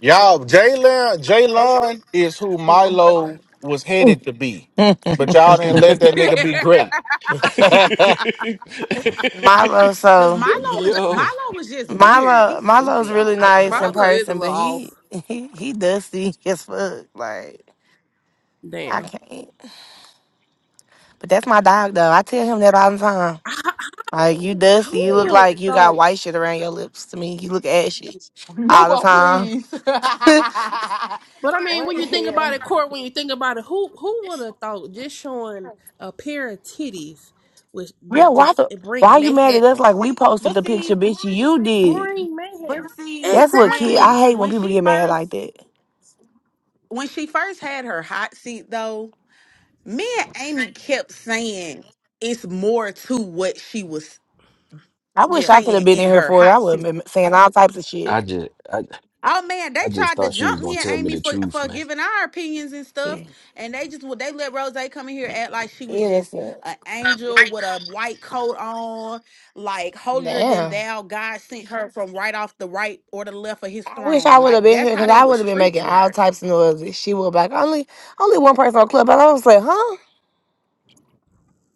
Speaker 10: Y'all, Jalen, Jalen is who Milo was headed to be.
Speaker 6: yeah.
Speaker 10: But y'all didn't let that nigga be great.
Speaker 6: Milo,
Speaker 3: Cause
Speaker 6: so
Speaker 3: Milo is Milo
Speaker 4: Yo,
Speaker 3: was just weird.
Speaker 6: Milo
Speaker 3: He's
Speaker 6: Milo's
Speaker 3: stupid. I
Speaker 6: really
Speaker 3: don't like
Speaker 6: nice in
Speaker 3: Milo.
Speaker 1: Marlo is a
Speaker 6: person,
Speaker 1: little
Speaker 6: but
Speaker 1: off.
Speaker 6: he he he dusty as fuck. Like I
Speaker 1: Damn.
Speaker 6: can't. But that's my dog though. I tell him that all the time. Like you dusty.
Speaker 1: Who
Speaker 6: You look
Speaker 1: would have
Speaker 6: like you got
Speaker 1: thought?
Speaker 6: white shit around your lips to me. You look ashy all the
Speaker 3: Nuvo,
Speaker 6: time.
Speaker 3: please.
Speaker 6: yeah,
Speaker 1: But I mean,
Speaker 3: what
Speaker 1: when
Speaker 3: the
Speaker 1: you think about
Speaker 3: hell?
Speaker 1: it, Court, when you think about it, who who would have thought just showing a pair of titties would would
Speaker 6: why
Speaker 1: just
Speaker 6: the
Speaker 1: it
Speaker 6: why
Speaker 1: bring
Speaker 6: you mad at
Speaker 1: mayhem?
Speaker 6: us like we posted
Speaker 3: But
Speaker 6: the picture,
Speaker 3: see,
Speaker 6: bitch? You did.
Speaker 1: Bring
Speaker 3: but
Speaker 1: mayhem.
Speaker 3: see,
Speaker 6: That's what kid
Speaker 3: when
Speaker 6: I
Speaker 1: Exactly.
Speaker 6: hate when
Speaker 3: when
Speaker 6: people
Speaker 3: she
Speaker 6: get mad like
Speaker 3: first
Speaker 6: that.
Speaker 3: when she first had her hot seat though, me and Amy kept saying it's more to what she was
Speaker 6: I wish I
Speaker 1: Yeah.
Speaker 6: could have
Speaker 3: saying
Speaker 6: been
Speaker 3: in
Speaker 6: in here
Speaker 3: her
Speaker 6: for it. I
Speaker 3: hot
Speaker 6: would have
Speaker 3: seat.
Speaker 6: been saying all types of shit.
Speaker 4: I just, I,
Speaker 3: Oh man, they
Speaker 4: I just
Speaker 3: tried to
Speaker 4: thought she was
Speaker 3: jump
Speaker 4: gonna
Speaker 3: me and
Speaker 4: tell me
Speaker 3: Amy
Speaker 4: the
Speaker 3: for
Speaker 4: truth,
Speaker 3: for
Speaker 4: man.
Speaker 3: giving our opinions and stuff, and they just would they let Rose come in here act like she was just
Speaker 6: Innocent.
Speaker 3: an angel with a white coat on, like holier than
Speaker 6: Damn.
Speaker 3: thou. God sent her from right off the right or the left of His
Speaker 6: I wish I
Speaker 3: throne.
Speaker 6: would have
Speaker 3: Like
Speaker 6: been here
Speaker 3: that's how
Speaker 6: because
Speaker 3: they
Speaker 6: I would
Speaker 3: was
Speaker 6: have been making
Speaker 3: treating
Speaker 6: all
Speaker 3: her.
Speaker 6: types of noises. She would be like, only only one person on club. And I was like, huh?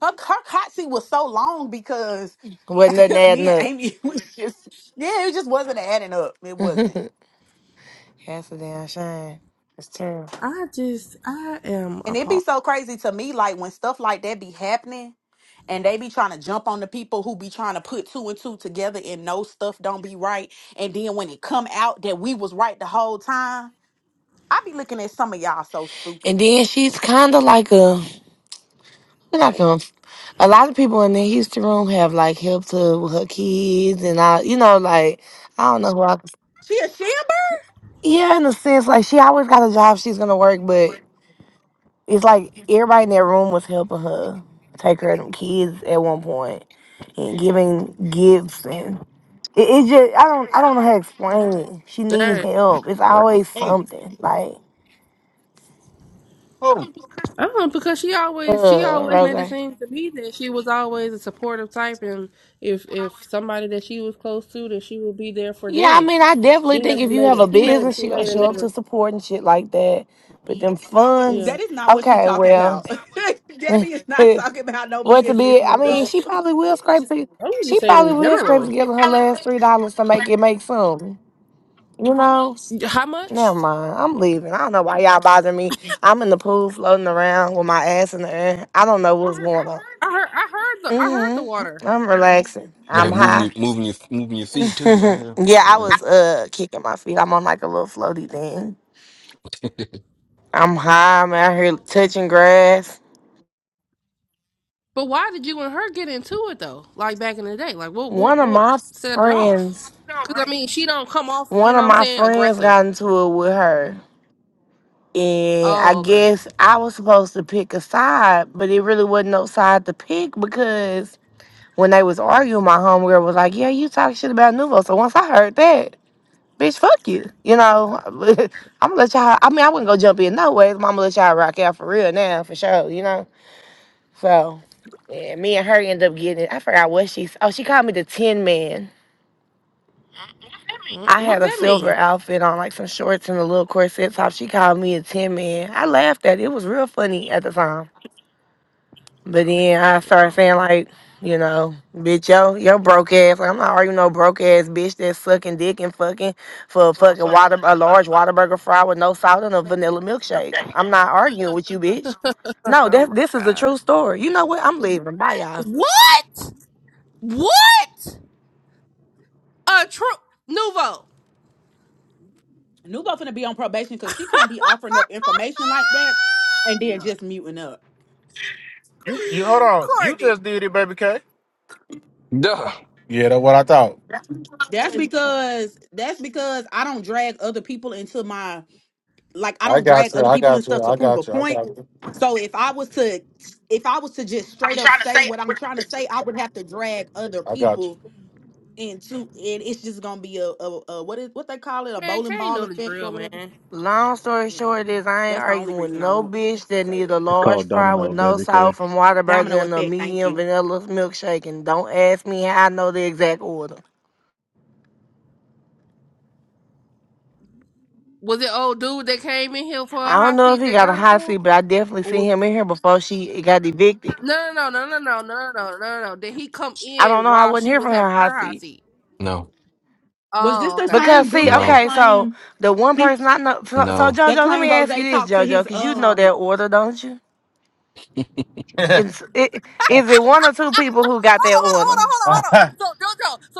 Speaker 3: Her, her hot seat was so long because
Speaker 6: Wasn't nothing
Speaker 3: me
Speaker 6: adding
Speaker 3: and
Speaker 6: up.
Speaker 3: Amy was just yeah, it just wasn't adding up. It wasn't.
Speaker 6: That's a damn shame. It's terrible.
Speaker 1: I just I am
Speaker 3: And it'd be
Speaker 1: appalled.
Speaker 3: so crazy to me, like when stuff like that be happening and they be trying to jump on the people who be trying to put two and two together and know stuff don't be right. And then when it come out that we was right the whole time, I be looking at some of y'all so stupid.
Speaker 6: And then she's kind of like a like a. A lot of people in the Houston room have like helped her with her kids and I, you know, like I don't know who I.
Speaker 3: She a shimmer?
Speaker 6: Yeah, in a sense, like she always got a job she's gonna work, but it's like everybody in that room was helping her take care of them kids at one point and giving gifts and it, it just I don't I don't know how to explain it. She
Speaker 1: That
Speaker 6: needs
Speaker 1: is
Speaker 6: help. It's always
Speaker 10: who?
Speaker 6: something like
Speaker 10: Who?
Speaker 1: Oh, because she always she
Speaker 6: uh
Speaker 1: always made
Speaker 6: Rose.
Speaker 1: it seem to me that she was always a supportive type, and if if somebody that she was close to, that she would be there for
Speaker 6: Yeah, I
Speaker 1: them.
Speaker 6: mean, I definitely
Speaker 1: She
Speaker 6: think
Speaker 1: never
Speaker 6: if you
Speaker 1: made
Speaker 6: have
Speaker 1: it.
Speaker 6: a
Speaker 1: She made it.
Speaker 6: business,
Speaker 1: She
Speaker 6: she gonna
Speaker 1: made it
Speaker 6: show up to
Speaker 1: never.
Speaker 6: support and shit like that. But them
Speaker 1: Yeah,
Speaker 3: That
Speaker 6: funds,
Speaker 3: is not what she
Speaker 6: okay,
Speaker 3: talking
Speaker 6: well,
Speaker 3: about. Debbie is not talking about no
Speaker 6: what to
Speaker 3: business,
Speaker 6: be? I mean,
Speaker 3: Nuvo.
Speaker 6: she probably will scrape. To,
Speaker 1: I'm gonna
Speaker 6: she
Speaker 1: just say it
Speaker 6: probably
Speaker 1: in
Speaker 6: will scrape
Speaker 1: general.
Speaker 6: together her last three dollars to make it make some. You know.
Speaker 1: How much?
Speaker 6: Never mind. I'm leaving. I don't know why y'all bother me. I'm in the pool floating around with my ass in the air. I don't know what's going on.
Speaker 1: I heard. I heard the. I heard the water.
Speaker 6: Mm-hmm. I'm relaxing. I'm
Speaker 4: Yeah, moving,
Speaker 6: high.
Speaker 4: your- moving your, moving your feet too. I am.
Speaker 6: yeah, I was uh kicking my feet. I'm on like a little floaty thing.
Speaker 4: Yeah.
Speaker 6: I'm high. I'm out here touching grass.
Speaker 1: But why did you and her get into it though? Like back in the day, like what what
Speaker 6: One of
Speaker 1: what
Speaker 6: my
Speaker 1: set it off?
Speaker 6: friends,
Speaker 1: Because I mean, she don't come off. You
Speaker 6: one
Speaker 1: know
Speaker 6: of
Speaker 1: what I'm
Speaker 6: my
Speaker 1: saying?
Speaker 6: friends
Speaker 1: Aggressive.
Speaker 6: got into it with her. And I
Speaker 1: Oh, okay.
Speaker 6: guess I was supposed to pick a side, but it really wasn't no side to pick because when they was arguing, my homegirl was like, Yeah, you talk shit about Nuvo. So once I heard that, bitch, fuck you. You know, I'm gonna let y'all, I mean, I wouldn't go jump in no ways, but I'm gonna let y'all rock out for real now, for sure, you know? So yeah, me and her end up getting it. I forgot what she s- oh, she called me the tin man.
Speaker 1: Mm,
Speaker 6: I had
Speaker 3: I'm
Speaker 1: What
Speaker 6: a
Speaker 1: that
Speaker 3: screaming.
Speaker 6: silver
Speaker 1: mean?
Speaker 6: outfit on, like some shorts and a little corset top. She called me a tin man. I laughed at it. It was real funny at the time. But then I started
Speaker 1: Wow.
Speaker 6: saying like, you know, bitch, yo, yo broke ass. Like, I'm not arguing no broke ass bitch that's sucking dick and fucking for a fucking water a large waterburger fry with no salt and a vanilla milkshake. I'm not arguing with you, bitch. No,
Speaker 1: Oh
Speaker 6: that
Speaker 1: my
Speaker 6: this is a
Speaker 1: god.
Speaker 6: true story. You know what? I'm leaving. Bye y'all.
Speaker 1: What? What? A true nouveau,
Speaker 3: Nubo finna be on probation because she can't be offering up information like that and then just muting up.
Speaker 10: You, you, hold on. You
Speaker 1: Courtney.
Speaker 10: just did it, baby K.
Speaker 4: Duh.
Speaker 10: Yeah, that's what I thought.
Speaker 3: That's because that's because I don't drag other people into my like I
Speaker 10: I
Speaker 3: don't
Speaker 10: got
Speaker 3: drag
Speaker 10: you.
Speaker 3: other
Speaker 10: I
Speaker 3: people and
Speaker 10: got you.
Speaker 3: stuff to
Speaker 10: I
Speaker 3: prove a
Speaker 10: got you. I
Speaker 3: point.
Speaker 10: got you.
Speaker 3: So if I was to if I was to just straight up say what I'm trying to say, I would have to drag other
Speaker 10: I got you.
Speaker 3: people into and it's just gonna be a, a, a what is what they call it, a
Speaker 1: Man,
Speaker 3: bowling
Speaker 1: can't
Speaker 3: ball
Speaker 1: know the
Speaker 3: effect or
Speaker 1: drill,
Speaker 3: whatever.
Speaker 1: man.
Speaker 6: Long story
Speaker 3: Yeah.
Speaker 6: short is I ain't
Speaker 3: That's the only
Speaker 6: arguing with
Speaker 3: reason I
Speaker 6: no
Speaker 3: won't
Speaker 6: bitch that
Speaker 3: say
Speaker 6: need
Speaker 3: it.
Speaker 6: a
Speaker 7: It's
Speaker 6: large
Speaker 7: called
Speaker 6: fry with
Speaker 7: Domino,
Speaker 6: no
Speaker 7: baby K.
Speaker 6: salt from Whataburger
Speaker 3: Domino
Speaker 6: and a
Speaker 3: effect, thank
Speaker 6: medium
Speaker 3: you.
Speaker 6: vanilla milkshake and don't ask me how I know the exact order.
Speaker 1: Was it old dude that came in here for a
Speaker 6: I don't
Speaker 1: hot
Speaker 6: know if
Speaker 1: seat
Speaker 6: he
Speaker 1: that
Speaker 6: got a
Speaker 1: got it
Speaker 6: hot seat,
Speaker 1: for?
Speaker 6: but I definitely
Speaker 1: Or was
Speaker 6: seen him
Speaker 1: it
Speaker 6: in here before she got evicted.
Speaker 1: no no no no no no no no no no. Did he come
Speaker 6: I don't
Speaker 1: in
Speaker 6: know, I
Speaker 1: while
Speaker 6: wasn't
Speaker 1: she
Speaker 6: here for
Speaker 1: was
Speaker 6: her
Speaker 1: having
Speaker 6: hot
Speaker 1: her hot
Speaker 6: seat.
Speaker 1: seat?
Speaker 4: No,
Speaker 3: Was this
Speaker 1: Oh,
Speaker 3: the
Speaker 1: okay,
Speaker 6: Because
Speaker 1: okay.
Speaker 3: same
Speaker 6: see,
Speaker 3: dude that
Speaker 4: no,
Speaker 6: okay, so
Speaker 3: claimed
Speaker 6: the one person I know so, so
Speaker 4: no.
Speaker 3: that
Speaker 6: Jojo, let
Speaker 3: claimed
Speaker 6: me
Speaker 3: Rose
Speaker 6: ask you this,
Speaker 3: talked to
Speaker 6: Jojo,
Speaker 3: his
Speaker 6: cause you know that
Speaker 3: um
Speaker 6: order, don't you? It's, it, is it one or two people who got
Speaker 1: Hold
Speaker 6: that
Speaker 1: on, hold on, hold
Speaker 6: order?
Speaker 1: on, hold on, hold on. So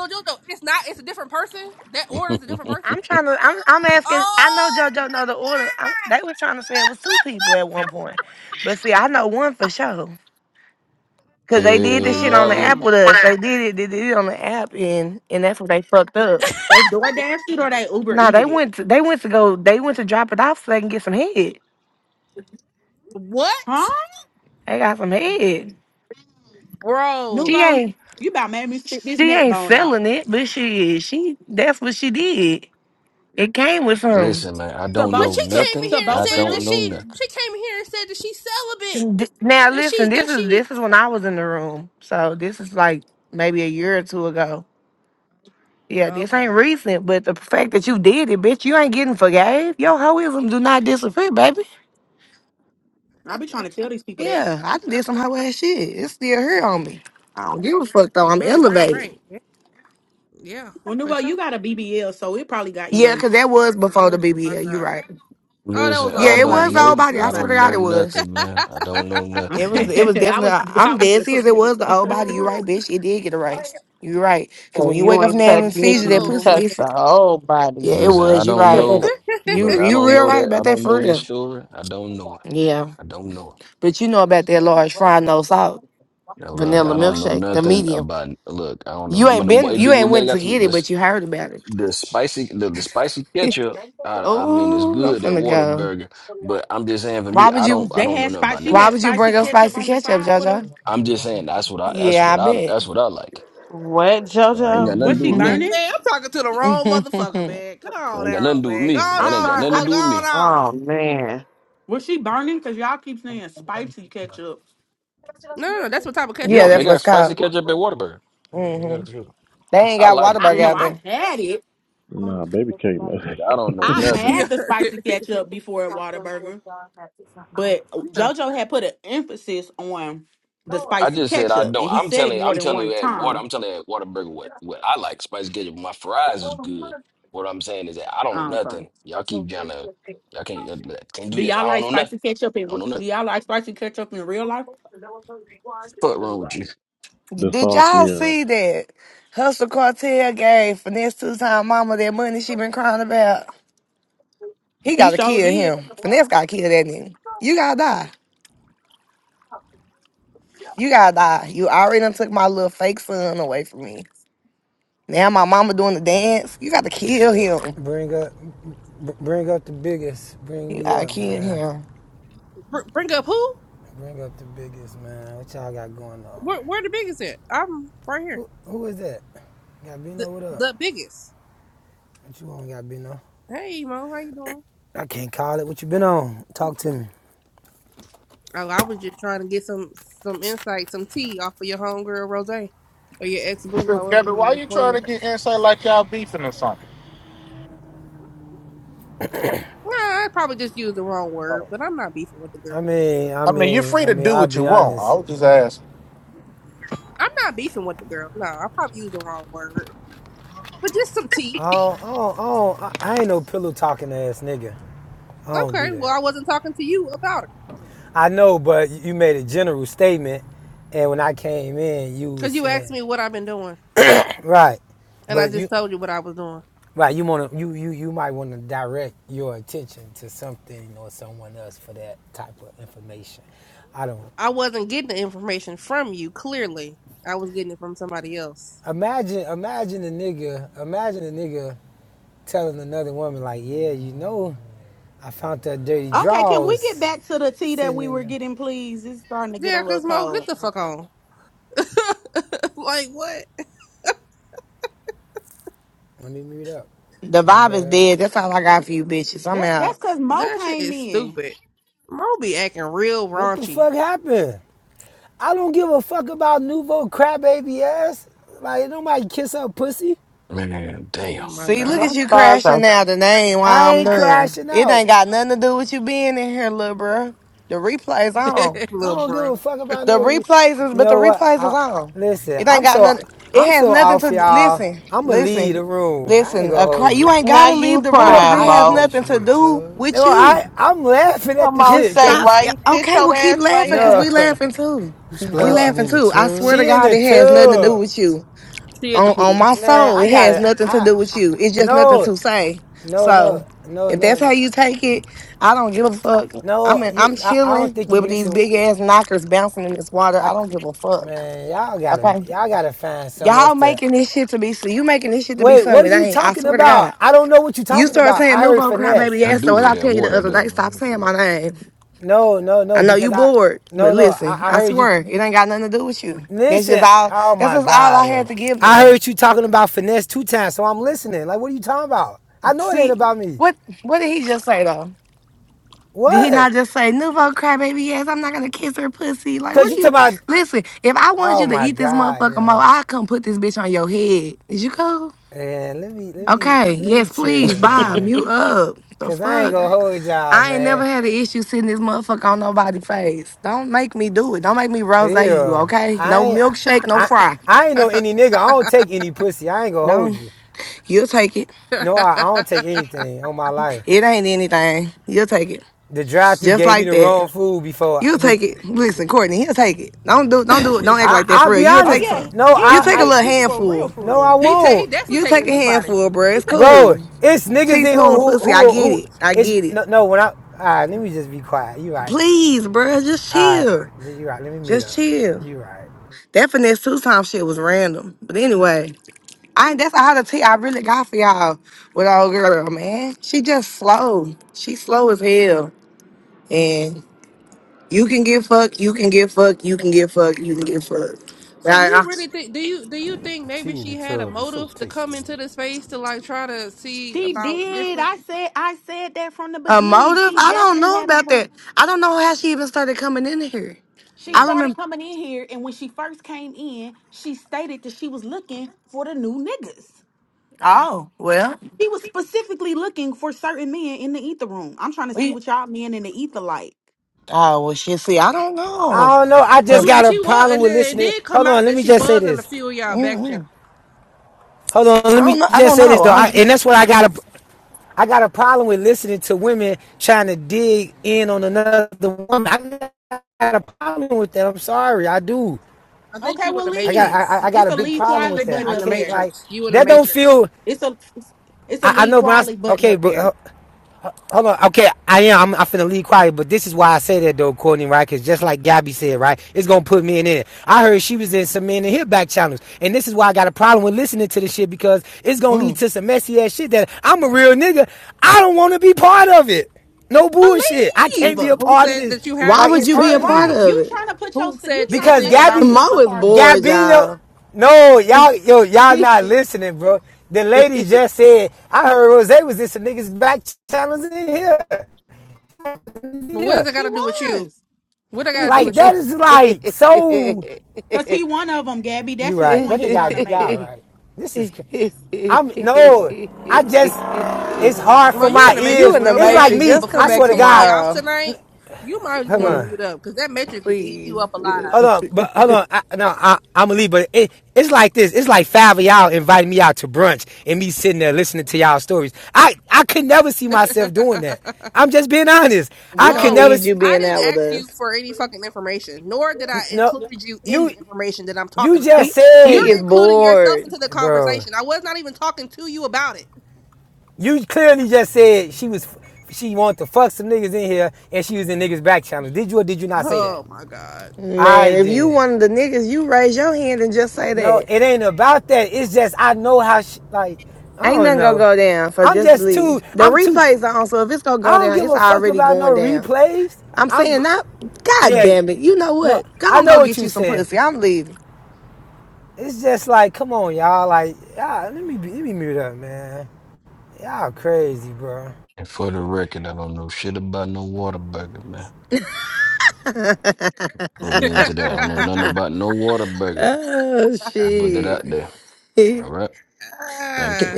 Speaker 1: Jojo, so Jojo, it's not it's a different person? That order is a different person?
Speaker 6: I'm trying to. I'm, I'm asking. I know
Speaker 1: Oh
Speaker 6: JoJo know the order. I'm,
Speaker 1: my god.
Speaker 6: they were trying to say it was two people at one point, but see, I know one for sure because they did
Speaker 4: Eh,
Speaker 6: this shit on the
Speaker 4: y'all,
Speaker 6: app
Speaker 1: Oh
Speaker 4: eat-
Speaker 3: damn
Speaker 6: with
Speaker 1: my
Speaker 6: us. They
Speaker 1: god.
Speaker 6: did it. They did it on the app, and and that's what they fucked up.
Speaker 3: they door dashed it or they Uber
Speaker 6: Nah, they
Speaker 3: eated it?
Speaker 6: went. To, they went to go. They went to drop it off so they can get some head.
Speaker 3: Huh?
Speaker 1: What?
Speaker 6: They got some head.
Speaker 1: Bro.
Speaker 6: She
Speaker 3: Nugo,
Speaker 6: ain't.
Speaker 3: you about made me spit this
Speaker 6: She
Speaker 3: neck
Speaker 6: ain't
Speaker 3: bone out.
Speaker 6: selling it, but she is. She. That's what she did. It came with some.
Speaker 4: listen, man. I
Speaker 3: To
Speaker 4: don't
Speaker 1: But
Speaker 3: both
Speaker 4: know
Speaker 1: she
Speaker 3: to
Speaker 1: came in
Speaker 4: nothing.
Speaker 3: to
Speaker 1: here and
Speaker 4: I
Speaker 3: both of
Speaker 1: said that
Speaker 4: don't
Speaker 3: them?
Speaker 4: know
Speaker 1: she
Speaker 4: nothing.
Speaker 1: she came in here and said that she celibate.
Speaker 6: Th- Now
Speaker 1: That
Speaker 6: listen,
Speaker 1: she
Speaker 6: this
Speaker 1: that
Speaker 6: is
Speaker 1: she
Speaker 6: this is when I was in the room. So this is like maybe a year or two ago. Yeah, this ain't
Speaker 1: okay.
Speaker 6: recent, but the fact that you did it, bitch, you ain't getting forgave. Your hoism do not disappear, baby.
Speaker 3: I be trying to tell these people that.
Speaker 6: Yeah, I done did some hoe ass shit. It's still here on me. I don't give a fuck though. I'm
Speaker 1: Right, right,
Speaker 6: elevated.
Speaker 1: right. Yeah,
Speaker 3: Well,
Speaker 1: for
Speaker 3: Nugo, you
Speaker 1: sure.
Speaker 3: got a BBL, so it probably got
Speaker 6: Yeah, cause
Speaker 3: erased.
Speaker 6: that was before the
Speaker 1: Oh my
Speaker 6: BBL. You right.
Speaker 1: god. Oh, that was
Speaker 4: Listen,
Speaker 1: an
Speaker 6: Yeah,
Speaker 4: I
Speaker 1: old
Speaker 6: it
Speaker 1: body.
Speaker 6: was
Speaker 4: don't
Speaker 6: the
Speaker 1: You
Speaker 6: old
Speaker 1: got
Speaker 4: know.
Speaker 1: a
Speaker 6: body.
Speaker 1: new
Speaker 6: I
Speaker 4: I
Speaker 6: swear
Speaker 1: body
Speaker 6: to
Speaker 4: don't
Speaker 6: God,
Speaker 1: now.
Speaker 4: know
Speaker 6: it was.
Speaker 4: nothing, man. I don't know
Speaker 6: It
Speaker 4: nothing,
Speaker 6: was.
Speaker 4: man.
Speaker 6: It was
Speaker 3: I
Speaker 6: definitely.
Speaker 3: was I
Speaker 6: I'm
Speaker 3: was
Speaker 6: dead
Speaker 3: at
Speaker 6: serious. It
Speaker 3: the
Speaker 6: was the
Speaker 3: store.
Speaker 6: old body. You right, bitch. It did get erased. You right. Cause
Speaker 2: So
Speaker 6: when you wake
Speaker 2: you
Speaker 6: up from
Speaker 2: ain't
Speaker 6: that
Speaker 3: Well,
Speaker 2: touch
Speaker 3: you
Speaker 6: anesthesia,
Speaker 2: Nikki,
Speaker 3: know.
Speaker 6: that
Speaker 2: you
Speaker 1: Oh
Speaker 6: pussy
Speaker 1: man,
Speaker 2: touched
Speaker 6: different.
Speaker 2: the whole body.
Speaker 6: Yeah, it
Speaker 4: Listen, I
Speaker 6: was. You
Speaker 4: don't
Speaker 6: right.
Speaker 4: know.
Speaker 6: You
Speaker 4: Look, I
Speaker 6: you
Speaker 4: don't
Speaker 6: real
Speaker 4: know
Speaker 6: right
Speaker 4: that. I
Speaker 6: about that
Speaker 4: don't
Speaker 6: for
Speaker 4: know this
Speaker 6: real.
Speaker 4: story. I don't know it.
Speaker 6: Yeah.
Speaker 4: I don't know it.
Speaker 6: But you know about that large fry no salt
Speaker 4: Now look,
Speaker 6: vanilla
Speaker 4: I don't know
Speaker 6: milkshake, the
Speaker 4: nothing
Speaker 6: medium.
Speaker 4: about. Look, I don't know
Speaker 6: You ain't
Speaker 4: nobody.
Speaker 6: been
Speaker 4: What
Speaker 6: you ain't
Speaker 4: they
Speaker 6: went to
Speaker 4: got some
Speaker 6: get it,
Speaker 4: the
Speaker 6: but you heard about
Speaker 4: the spicy the, the spicy
Speaker 6: it.
Speaker 4: ketchup. I I mean, it's
Speaker 6: oh, I'm
Speaker 4: good that
Speaker 6: finna
Speaker 4: water
Speaker 6: go.
Speaker 4: burger, but I'm just saying for me,
Speaker 6: Why would
Speaker 4: I don't
Speaker 6: you
Speaker 4: I
Speaker 3: They
Speaker 4: don't know
Speaker 3: had
Speaker 4: nothing
Speaker 3: spicy.
Speaker 4: about
Speaker 3: She
Speaker 4: none of
Speaker 6: why
Speaker 3: had
Speaker 4: that.
Speaker 6: would you
Speaker 3: spicy
Speaker 6: bring up
Speaker 3: ketchup
Speaker 6: spicy
Speaker 3: on the
Speaker 6: ketchup,
Speaker 3: side for the.
Speaker 6: Jojo?
Speaker 4: I'm just saying that's what I that's
Speaker 6: Yeah, I
Speaker 4: what I
Speaker 6: bet.
Speaker 4: that's what I like.
Speaker 2: What,
Speaker 4: No, I ain't
Speaker 2: JoJo?
Speaker 4: got nothing
Speaker 6: yeah,
Speaker 3: Was
Speaker 4: to do
Speaker 3: she
Speaker 4: with me.
Speaker 3: burning?
Speaker 1: man, I'm talking to the wrong motherfucker, man. Go
Speaker 4: I
Speaker 1: on
Speaker 4: ain't got nothing
Speaker 1: down,
Speaker 4: to do with
Speaker 1: man. Go
Speaker 4: me.
Speaker 1: on
Speaker 4: That
Speaker 3: I'm
Speaker 4: ain't
Speaker 1: down,
Speaker 4: got
Speaker 3: sorry.
Speaker 1: new
Speaker 4: nothing to
Speaker 3: I
Speaker 1: one.
Speaker 3: got-
Speaker 1: Go
Speaker 4: do with
Speaker 1: on
Speaker 4: me.
Speaker 2: Oh man.
Speaker 3: was she burning? Cause y'all keep saying spicy ketchup.
Speaker 1: No, no, no, that's what type of ketchup it
Speaker 4: No,
Speaker 6: that's
Speaker 4: they
Speaker 6: what
Speaker 4: got
Speaker 6: it's
Speaker 1: is.
Speaker 4: spicy
Speaker 6: called.
Speaker 4: ketchup at Whataburger.
Speaker 6: hmm
Speaker 4: I
Speaker 6: They ain't
Speaker 4: I
Speaker 6: got
Speaker 4: like it.
Speaker 3: I
Speaker 6: Whataburger
Speaker 3: no,
Speaker 6: out
Speaker 1: Mm.
Speaker 6: there.
Speaker 3: I've had it.
Speaker 7: Nah, baby K,
Speaker 4: Like, I don't know
Speaker 7: man.
Speaker 3: I've
Speaker 4: nothing.
Speaker 3: had
Speaker 1: yeah,
Speaker 3: the spicy ketchup before at Whataburger, but
Speaker 1: yeah.
Speaker 3: JoJo had put an emphasis on the
Speaker 4: I
Speaker 3: spicy
Speaker 4: just said I
Speaker 3: ketchup, and
Speaker 4: don't.
Speaker 3: he
Speaker 4: I'm
Speaker 3: said
Speaker 4: telling
Speaker 3: it more
Speaker 4: I'm
Speaker 3: than
Speaker 4: telling
Speaker 3: one
Speaker 4: you at water.
Speaker 3: time.
Speaker 4: I'm telling you at Whataburger what what I like spicy ketchup. My fries is good. What I'm saying is that I don't know
Speaker 3: Oh, okay.
Speaker 4: nothing. Y'all keep trying to y'all can't y'all can't do
Speaker 3: Do
Speaker 4: this. I
Speaker 3: y'all
Speaker 4: don't
Speaker 3: like
Speaker 4: know nothing.
Speaker 3: spicy ketchup? And
Speaker 4: I don't
Speaker 3: do
Speaker 4: know nothing.
Speaker 3: y'all like spicy ketchup in real life?
Speaker 4: Fuck wrong with you,
Speaker 7: the
Speaker 6: Did
Speaker 7: sauce,
Speaker 6: y'all
Speaker 7: yeah.
Speaker 6: see that Hustle Cartel gave Finesse two time mama that money she been crying about? He
Speaker 3: He
Speaker 6: gotta
Speaker 3: sure
Speaker 6: kill
Speaker 3: did.
Speaker 6: him. Finesse gotta kill that nigga. You gotta die. You gotta die. You already done took my little fake son away from me. Now my mama doing the dance. You gotta kill him.
Speaker 12: Bring up, bring up the biggest. Bring
Speaker 6: You
Speaker 12: me
Speaker 6: gotta
Speaker 12: up,
Speaker 6: kill
Speaker 12: man.
Speaker 6: him.
Speaker 1: Br- bring up who?
Speaker 12: Bring up the biggest, man. What y'all got going on?
Speaker 1: Where, where the biggest at? I'm right here.
Speaker 12: Who, who is that?
Speaker 1: The
Speaker 12: Gabino, what up?
Speaker 1: the biggest.
Speaker 12: What you on, Gabino?
Speaker 1: Hey, Mo, how you doing?
Speaker 12: I can't call it. What you been on? Talk to me.
Speaker 1: Oh, I was just trying to get some some insight, some tea off of your homegirl Rosé or your ex boo, however
Speaker 10: Gabby,
Speaker 1: you
Speaker 10: why
Speaker 1: want to
Speaker 10: you
Speaker 1: claim
Speaker 10: trying
Speaker 1: her.
Speaker 10: to get insight like y'all beefing or something?
Speaker 1: Nah, I probably just used the wrong word, but I'm not beefing with the
Speaker 12: I
Speaker 1: girl.
Speaker 12: mean, I
Speaker 10: I mean, you're
Speaker 12: mean,
Speaker 10: free
Speaker 12: I
Speaker 10: to
Speaker 12: mean.
Speaker 10: do
Speaker 12: I'll
Speaker 10: what you
Speaker 12: be
Speaker 10: want. I
Speaker 12: honest.
Speaker 10: was just asking.
Speaker 1: I'm not beefing with the girl. No, I probably used the wrong word, but just some tea.
Speaker 12: I don't, I don't, I, don't, I- ain't no pillow talking ass nigga. I don't do
Speaker 1: Okay, well,
Speaker 12: that.
Speaker 1: I wasn't talking to you about her
Speaker 12: I know, but you made a general statement, and when I came in, you was
Speaker 1: because you asked
Speaker 12: saying
Speaker 1: me what I've been doing,
Speaker 12: right.
Speaker 1: and I
Speaker 12: But you,
Speaker 1: just told you what I was doing.
Speaker 12: Right, you want to you you you might want to direct your attention to something or someone else for that type of information. I don't
Speaker 1: I wasn't getting the information from you. Clearly, I was getting it from somebody else.
Speaker 12: imagine imagine a nigga imagine a nigga telling another woman like, yeah, you know, I found that dirty
Speaker 3: Okay, can we get
Speaker 12: drawers
Speaker 3: back to the tea that
Speaker 12: sitting
Speaker 3: we
Speaker 12: in.
Speaker 3: were
Speaker 12: The,
Speaker 3: getting, please? It's starting to get a
Speaker 1: Yeah,
Speaker 3: little
Speaker 1: cause Mo, get
Speaker 3: cold.
Speaker 1: the fuck on. like what?
Speaker 12: let me mute up.
Speaker 6: The
Speaker 12: My
Speaker 6: vibe is
Speaker 12: bad.
Speaker 6: dead. That's all I got for you bitches. I'm
Speaker 3: That that's
Speaker 6: out.
Speaker 3: cause Mo
Speaker 1: That shit
Speaker 3: came
Speaker 1: is
Speaker 3: in.
Speaker 1: stupid. Mo be acting real
Speaker 12: What the
Speaker 1: raunchy.
Speaker 12: fuck happened? I don't give a fuck about Nouveau crab baby ass. Like nobody kiss her pussy.
Speaker 4: man?
Speaker 1: Oh
Speaker 4: Damn.
Speaker 1: my
Speaker 6: See, look at
Speaker 2: Your
Speaker 1: god,
Speaker 6: you
Speaker 2: stars are
Speaker 6: crashing out the name while
Speaker 12: I
Speaker 6: I'm
Speaker 12: ain't
Speaker 6: done.
Speaker 12: crashing
Speaker 6: It
Speaker 12: out.
Speaker 6: ain't got nothing to do with you being in here, little bruh. The replay's on.
Speaker 12: I
Speaker 1: little
Speaker 12: don't give
Speaker 1: bro,
Speaker 12: a fuck about
Speaker 6: The
Speaker 12: no. Re-
Speaker 6: replays is,
Speaker 12: you
Speaker 6: but the
Speaker 12: know what?
Speaker 6: replays is
Speaker 12: I,
Speaker 6: on.
Speaker 12: listen,
Speaker 6: It ain't
Speaker 12: I'm
Speaker 6: got
Speaker 12: so
Speaker 6: nothing. It
Speaker 12: I'm
Speaker 6: has
Speaker 12: so
Speaker 6: nothing
Speaker 12: off,
Speaker 6: to
Speaker 12: y'all.
Speaker 6: listen,
Speaker 12: I'ma leave
Speaker 6: listen,
Speaker 12: the room. I ain't
Speaker 6: listen.
Speaker 12: gonna
Speaker 6: A
Speaker 12: hold
Speaker 6: cri- you
Speaker 12: you.
Speaker 6: ain't
Speaker 2: now
Speaker 6: gotta
Speaker 2: you
Speaker 6: leave the
Speaker 13: You,
Speaker 6: room
Speaker 12: No,
Speaker 6: because
Speaker 2: crying,
Speaker 6: it
Speaker 13: you
Speaker 12: I
Speaker 6: has
Speaker 2: Mo.
Speaker 6: nothing
Speaker 13: splashing
Speaker 6: to
Speaker 13: in the
Speaker 6: do
Speaker 13: tub?
Speaker 12: no,
Speaker 6: with
Speaker 12: I
Speaker 6: you.
Speaker 12: I'm laughing at
Speaker 2: Come
Speaker 12: the
Speaker 2: on,
Speaker 12: shit
Speaker 6: Just
Speaker 2: stay
Speaker 12: because
Speaker 6: stop.
Speaker 12: it's
Speaker 6: Yeah,
Speaker 2: right. Sit
Speaker 6: Okay, well
Speaker 2: your
Speaker 6: keep
Speaker 2: ass right
Speaker 6: laughing because
Speaker 2: here.
Speaker 12: no,
Speaker 6: we laughing too.
Speaker 13: You
Speaker 6: We
Speaker 12: no.
Speaker 13: splashing
Speaker 6: laughing
Speaker 13: in the
Speaker 6: too. I swear
Speaker 13: tub?
Speaker 12: She
Speaker 6: to
Speaker 12: in
Speaker 6: God,
Speaker 12: the
Speaker 6: it has nothing to do
Speaker 12: tub,
Speaker 6: with you
Speaker 1: She at the
Speaker 6: on on
Speaker 1: pool.
Speaker 6: my
Speaker 12: man.
Speaker 6: soul.
Speaker 12: I
Speaker 6: It has
Speaker 12: gotta.
Speaker 6: nothing to
Speaker 12: I,
Speaker 6: do with
Speaker 12: I
Speaker 6: you. It's just nothing
Speaker 12: no,
Speaker 6: to say.
Speaker 12: no, no,
Speaker 6: So
Speaker 12: no,
Speaker 6: if
Speaker 12: no,
Speaker 6: that's how
Speaker 12: no.
Speaker 6: you take it, I don't give a fuck. I
Speaker 12: No,
Speaker 6: mean,
Speaker 12: you.
Speaker 6: I'm
Speaker 12: I, I don't
Speaker 6: chilling
Speaker 12: think you
Speaker 6: with these
Speaker 12: missing.
Speaker 6: big ass knockers bouncing in this water.
Speaker 12: I,
Speaker 6: I don't give a fuck.
Speaker 12: man, y'all gotta
Speaker 6: Okay,
Speaker 12: y'all gotta find something else
Speaker 6: y'all
Speaker 12: to
Speaker 6: making this shit to be so you making this shit to be
Speaker 12: Wait, what are
Speaker 6: something. It
Speaker 12: you
Speaker 6: ain't. I
Speaker 12: talking
Speaker 6: swear to
Speaker 12: about?
Speaker 6: God.
Speaker 12: I don't know what you're
Speaker 6: You
Speaker 12: talking
Speaker 6: start
Speaker 12: about.
Speaker 6: saying
Speaker 12: I
Speaker 6: new
Speaker 12: heard
Speaker 6: gonna cry baby
Speaker 12: finesse.
Speaker 4: I
Speaker 6: ass. So
Speaker 4: do
Speaker 6: what
Speaker 4: hear
Speaker 6: I
Speaker 4: that
Speaker 6: tell you the
Speaker 4: water
Speaker 6: other day,
Speaker 4: though. I
Speaker 6: stop
Speaker 4: ain't
Speaker 6: saying
Speaker 4: gonna lie.
Speaker 6: my name.
Speaker 12: No, no,
Speaker 6: I
Speaker 12: no,
Speaker 6: know
Speaker 12: because
Speaker 6: you
Speaker 12: I,
Speaker 6: bored,
Speaker 12: no,
Speaker 6: but
Speaker 12: no,
Speaker 6: listen,
Speaker 12: I, I
Speaker 6: I
Speaker 12: heard you.
Speaker 6: swear it ain't got nothing to do with you. That's just
Speaker 12: Listen,
Speaker 6: all.
Speaker 12: oh
Speaker 6: That's
Speaker 12: my
Speaker 6: just all I
Speaker 12: God,
Speaker 6: had
Speaker 12: yo.
Speaker 6: to give
Speaker 12: I
Speaker 6: them.
Speaker 12: heard you talking about finesse two times, so I'm listening. Like, what are you talking about? I know it ain't
Speaker 6: See,
Speaker 12: about me.
Speaker 6: what what did he just say though? Did he
Speaker 12: What?
Speaker 6: not just say nouveau crybaby ass"? I'm not gonna kiss her pussy? Like
Speaker 12: Cause
Speaker 6: what
Speaker 12: you
Speaker 6: do you
Speaker 12: talking about,
Speaker 6: listen, if I wanted
Speaker 12: oh
Speaker 6: you to
Speaker 12: my
Speaker 6: eat this
Speaker 12: God,
Speaker 6: motherfucker mo,
Speaker 12: yo.
Speaker 6: I come put this bitch on your head. Is you cool?
Speaker 12: Man, let me, let me,
Speaker 6: Okay,
Speaker 12: let me
Speaker 6: yes, please,
Speaker 12: chill,
Speaker 6: bye,
Speaker 12: man.
Speaker 6: mute up. The
Speaker 12: Cause I ain't
Speaker 6: fuck?
Speaker 12: gonna hold y'all,
Speaker 6: I ain't
Speaker 12: man.
Speaker 6: never had an issue sitting this motherfucker on nobody's face. Don't make me do it. Don't make me rose you,
Speaker 12: Ew.
Speaker 6: okay?
Speaker 12: I
Speaker 6: No
Speaker 12: ain't, I,
Speaker 6: milkshake, no
Speaker 12: I,
Speaker 6: fry.
Speaker 12: I ain't no any nigga. I don't take any pussy. I ain't gonna hold
Speaker 6: No,
Speaker 12: you.
Speaker 6: you'll take it.
Speaker 1: he
Speaker 12: No, I, I don't
Speaker 1: ta-
Speaker 12: take anything on my life.
Speaker 6: It ain't anything. You'll take it.
Speaker 12: The drive thru
Speaker 6: Just
Speaker 12: gave me
Speaker 6: like
Speaker 12: the
Speaker 6: that.
Speaker 12: wrong food before. I-
Speaker 6: You'll
Speaker 12: The,
Speaker 6: take it. Listen, Courtney, he'll take it. Don't do don't do it. Don't act
Speaker 12: I
Speaker 6: like that
Speaker 12: I'll
Speaker 6: for real.
Speaker 12: be
Speaker 6: You'll
Speaker 3: Oh
Speaker 12: honest.
Speaker 6: take some.
Speaker 3: yeah,
Speaker 12: No,
Speaker 3: he
Speaker 6: You'll take
Speaker 12: I,
Speaker 6: a
Speaker 12: I
Speaker 3: he
Speaker 6: little
Speaker 3: he for real,
Speaker 6: handful.
Speaker 3: for
Speaker 12: no I
Speaker 3: real.
Speaker 1: he
Speaker 12: won't,
Speaker 1: definitely
Speaker 6: You'll
Speaker 1: taking a
Speaker 6: take a
Speaker 1: new body.
Speaker 6: handful, bruh.
Speaker 1: He
Speaker 6: It's
Speaker 1: taking a new
Speaker 12: bro.
Speaker 1: body.
Speaker 6: cool.
Speaker 12: It's niggas in
Speaker 6: Teaspoon of
Speaker 12: who who
Speaker 6: pussy. I
Speaker 12: who
Speaker 6: get
Speaker 12: who.
Speaker 6: it. I
Speaker 12: It's
Speaker 6: get it.
Speaker 12: no no when I all right. Let me just be quiet. You right.
Speaker 6: Please, bruh,
Speaker 12: All
Speaker 6: just
Speaker 12: right.
Speaker 6: chill.
Speaker 12: You right. Let me mute
Speaker 6: Just
Speaker 12: up.
Speaker 6: chill.
Speaker 12: You right.
Speaker 6: That finesse two time shit was random. But anyway, I that's all the tea I really got for y'all with old girl, man. She just slow. She slow as hell. And you can get fucked, you can get fucked, you can get fucked, you can get fucked.
Speaker 1: So do you
Speaker 6: Right?
Speaker 1: really think? Do you do you think
Speaker 13: The
Speaker 1: maybe
Speaker 13: tea in the
Speaker 1: she had a
Speaker 13: tub is so
Speaker 1: motive to
Speaker 13: tasty.
Speaker 1: come into the space to like try to see
Speaker 3: She
Speaker 1: about
Speaker 3: did.
Speaker 1: different?
Speaker 3: I said I said that from the
Speaker 6: A
Speaker 3: beginning.
Speaker 6: motive?
Speaker 3: She
Speaker 6: I don't
Speaker 3: definitely
Speaker 6: know
Speaker 3: had a
Speaker 6: about
Speaker 3: move.
Speaker 6: that. I don't know how she even started coming in here.
Speaker 3: She
Speaker 6: I
Speaker 1: Mm,
Speaker 6: remember.
Speaker 3: started coming in here, and when she first came in, she stated that she was looking for the new niggas.
Speaker 1: yeah.
Speaker 6: Oh well,
Speaker 3: She was specifically looking for certain men in the ether room. I'm trying to see
Speaker 6: we.
Speaker 3: what y'all men in the ether like.
Speaker 6: Oh well, shit. See, I don't know.
Speaker 12: I don't know. I
Speaker 1: Well,
Speaker 12: just
Speaker 1: I
Speaker 6: mm
Speaker 1: mean,
Speaker 12: got a
Speaker 1: she was,
Speaker 12: problem
Speaker 1: and
Speaker 12: with
Speaker 1: then it
Speaker 12: listening.
Speaker 1: did
Speaker 12: Hold
Speaker 1: come
Speaker 12: on.
Speaker 1: out
Speaker 12: Let
Speaker 1: that
Speaker 12: me
Speaker 1: she
Speaker 12: just say
Speaker 1: was in a
Speaker 12: this.
Speaker 1: few of y'all back channel.
Speaker 6: mm-mm.
Speaker 12: Hold on. Let
Speaker 6: I don't
Speaker 12: me
Speaker 6: know. I
Speaker 12: just
Speaker 6: don't
Speaker 12: say this
Speaker 6: know.
Speaker 12: though.
Speaker 6: I
Speaker 12: I,
Speaker 6: don't,
Speaker 12: and that's what I got. I got a problem with listening to women trying to dig in on another woman. I got a problem with that. I'm sorry. I do.
Speaker 1: I think
Speaker 3: Okay,
Speaker 1: you in
Speaker 3: well
Speaker 1: the
Speaker 12: I got I,
Speaker 3: leave.
Speaker 1: Matrix.
Speaker 12: I got
Speaker 3: It's
Speaker 12: a
Speaker 1: I
Speaker 3: a
Speaker 12: big
Speaker 1: think
Speaker 3: leave
Speaker 1: you, I
Speaker 12: problem with
Speaker 3: quietly
Speaker 1: think
Speaker 12: that.
Speaker 1: you
Speaker 12: I
Speaker 3: button
Speaker 1: in
Speaker 3: up
Speaker 1: the
Speaker 12: can't
Speaker 3: there.
Speaker 12: like
Speaker 1: Matrix. You in the
Speaker 12: that. Don't
Speaker 1: Matrix.
Speaker 12: feel.
Speaker 3: It's a it's a
Speaker 12: I, I
Speaker 3: leave
Speaker 12: know, but
Speaker 3: quietly
Speaker 12: I,
Speaker 3: button
Speaker 12: okay,
Speaker 3: up
Speaker 12: but
Speaker 3: there.
Speaker 12: uh, Hold on. Okay, I am. I'm, I'm finna leave quiet, but this is why I say that though, Courtney, right? Because just like Gabby said, right, it's gonna put me in it. I heard she was in some men and hip back channels, and this is why I got a problem with listening to this shit because it's gonna lead
Speaker 6: mm.
Speaker 12: to some messy ass shit that I'm a real nigga. I don't want to be part of it. No
Speaker 3: Well,
Speaker 12: bullshit. I
Speaker 3: leave.
Speaker 12: can't
Speaker 1: Who
Speaker 12: be a part of
Speaker 1: said
Speaker 12: this.
Speaker 1: that you had
Speaker 6: Why
Speaker 1: to
Speaker 12: Like
Speaker 1: be
Speaker 12: it's
Speaker 6: would
Speaker 1: a
Speaker 6: you be a
Speaker 1: part of it
Speaker 6: part
Speaker 1: though?
Speaker 12: crazy
Speaker 3: Right.
Speaker 6: of
Speaker 3: You
Speaker 6: it?
Speaker 3: trying to put your
Speaker 1: Who
Speaker 3: you
Speaker 1: said
Speaker 3: trying to
Speaker 12: because
Speaker 1: anything
Speaker 3: make
Speaker 1: about
Speaker 12: Gabby,
Speaker 1: you,
Speaker 3: yourself
Speaker 6: Mo
Speaker 3: a
Speaker 1: Mo?
Speaker 6: is
Speaker 3: part of it.
Speaker 6: bored,
Speaker 12: Gabino,
Speaker 6: y'all.
Speaker 12: no, y'all, yo, y'all
Speaker 6: you
Speaker 12: not listening, bro. The lady just said, I heard Rose was in some niggas back channels in here.
Speaker 1: But what
Speaker 12: Yeah.
Speaker 1: does it got
Speaker 3: She
Speaker 1: to do with you?
Speaker 3: was.
Speaker 1: What I got to do
Speaker 12: Like
Speaker 1: with you?
Speaker 12: that is like so
Speaker 3: Cause he one of them, Gabby. That's
Speaker 12: you
Speaker 3: his
Speaker 12: right. What
Speaker 3: point
Speaker 12: they
Speaker 3: he trying
Speaker 12: got
Speaker 3: to make.
Speaker 12: y'all right. This is I'm no, I just it's hard
Speaker 1: Mo,
Speaker 12: for
Speaker 1: you
Speaker 12: my
Speaker 1: in the
Speaker 12: ears.
Speaker 1: Matrix
Speaker 6: in the
Speaker 1: real
Speaker 12: It's like
Speaker 1: bad,
Speaker 6: matrix.
Speaker 12: me,
Speaker 1: and
Speaker 6: Just come
Speaker 12: I
Speaker 1: before you
Speaker 6: back
Speaker 12: swear to
Speaker 1: piss me
Speaker 12: God.
Speaker 1: off
Speaker 6: tomorrow.
Speaker 1: tonight, you might just
Speaker 12: Hold
Speaker 1: want
Speaker 6: Hmm.
Speaker 1: to
Speaker 12: on.
Speaker 1: mute up, because that Matrix is eating you
Speaker 6: Please.
Speaker 1: up
Speaker 6: we
Speaker 1: alive.
Speaker 12: Hold on, but hold on. I, no, I, I'm gonna leave. But it, it's like this. It's like five of y'all inviting me out to brunch and me sitting there listening to y'all stories. I, I could never see myself doing that. I'm just being honest. I could
Speaker 6: don't
Speaker 1: Mo,
Speaker 12: never.
Speaker 6: need
Speaker 12: See,
Speaker 6: you
Speaker 1: I
Speaker 6: being
Speaker 1: didn't
Speaker 6: out with
Speaker 1: ask you
Speaker 6: us.
Speaker 1: for any fucking information, nor did I
Speaker 12: no,
Speaker 1: include you in
Speaker 12: you,
Speaker 1: the information that I'm
Speaker 12: you
Speaker 1: talking
Speaker 12: just
Speaker 1: about.
Speaker 6: He
Speaker 1: You're
Speaker 6: he
Speaker 12: said,
Speaker 6: is
Speaker 12: that,
Speaker 1: including yourself
Speaker 6: bored.
Speaker 1: into the
Speaker 12: bro.
Speaker 1: conversation. I was not even talking to you about it.
Speaker 12: You clearly just said she was she wanted to fuck some niggas in here and she was in niggas back channel. Did you or did you not say that?
Speaker 1: Oh my god.
Speaker 6: Man,
Speaker 12: I
Speaker 6: if you
Speaker 12: did.
Speaker 6: one of the niggas, you raise your hand and just say
Speaker 12: No,
Speaker 6: that.
Speaker 12: it ain't about that. It's just I know how she, like I
Speaker 6: Ain't
Speaker 12: don't
Speaker 6: nothing gonna
Speaker 12: know.
Speaker 6: go down, so
Speaker 12: I'm
Speaker 6: just
Speaker 12: just too
Speaker 6: leave. The
Speaker 12: I'm too
Speaker 6: replays are on, so if it's gonna
Speaker 12: I
Speaker 6: go
Speaker 12: don't
Speaker 6: down,
Speaker 12: give
Speaker 6: it's
Speaker 12: a fuck
Speaker 6: already
Speaker 12: about no
Speaker 6: going down.
Speaker 12: replays.
Speaker 6: I'm
Speaker 12: I'm
Speaker 6: saying
Speaker 12: just
Speaker 6: not God
Speaker 12: yeah.
Speaker 6: damn it. You know
Speaker 12: No,
Speaker 6: what? Go
Speaker 12: I
Speaker 6: on
Speaker 12: know
Speaker 6: go
Speaker 12: what
Speaker 6: get
Speaker 12: you
Speaker 6: you some
Speaker 12: said.
Speaker 6: pussy. I'm leaving.
Speaker 12: It's just like come on y'all like y'all, let me let me mute up, man. Y'all crazy, bro.
Speaker 4: And for the record, I don't know shit about no water burger, man. Put me into that. I don't know nothing about no water burger.
Speaker 6: oh
Speaker 4: I'll put that out
Speaker 6: shit.
Speaker 4: there. All right. Thank you.
Speaker 1: Ah,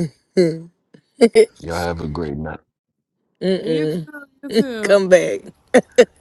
Speaker 4: Y'all have a great night.
Speaker 1: you too.
Speaker 6: Mm-mm.
Speaker 1: You too.
Speaker 6: Come back.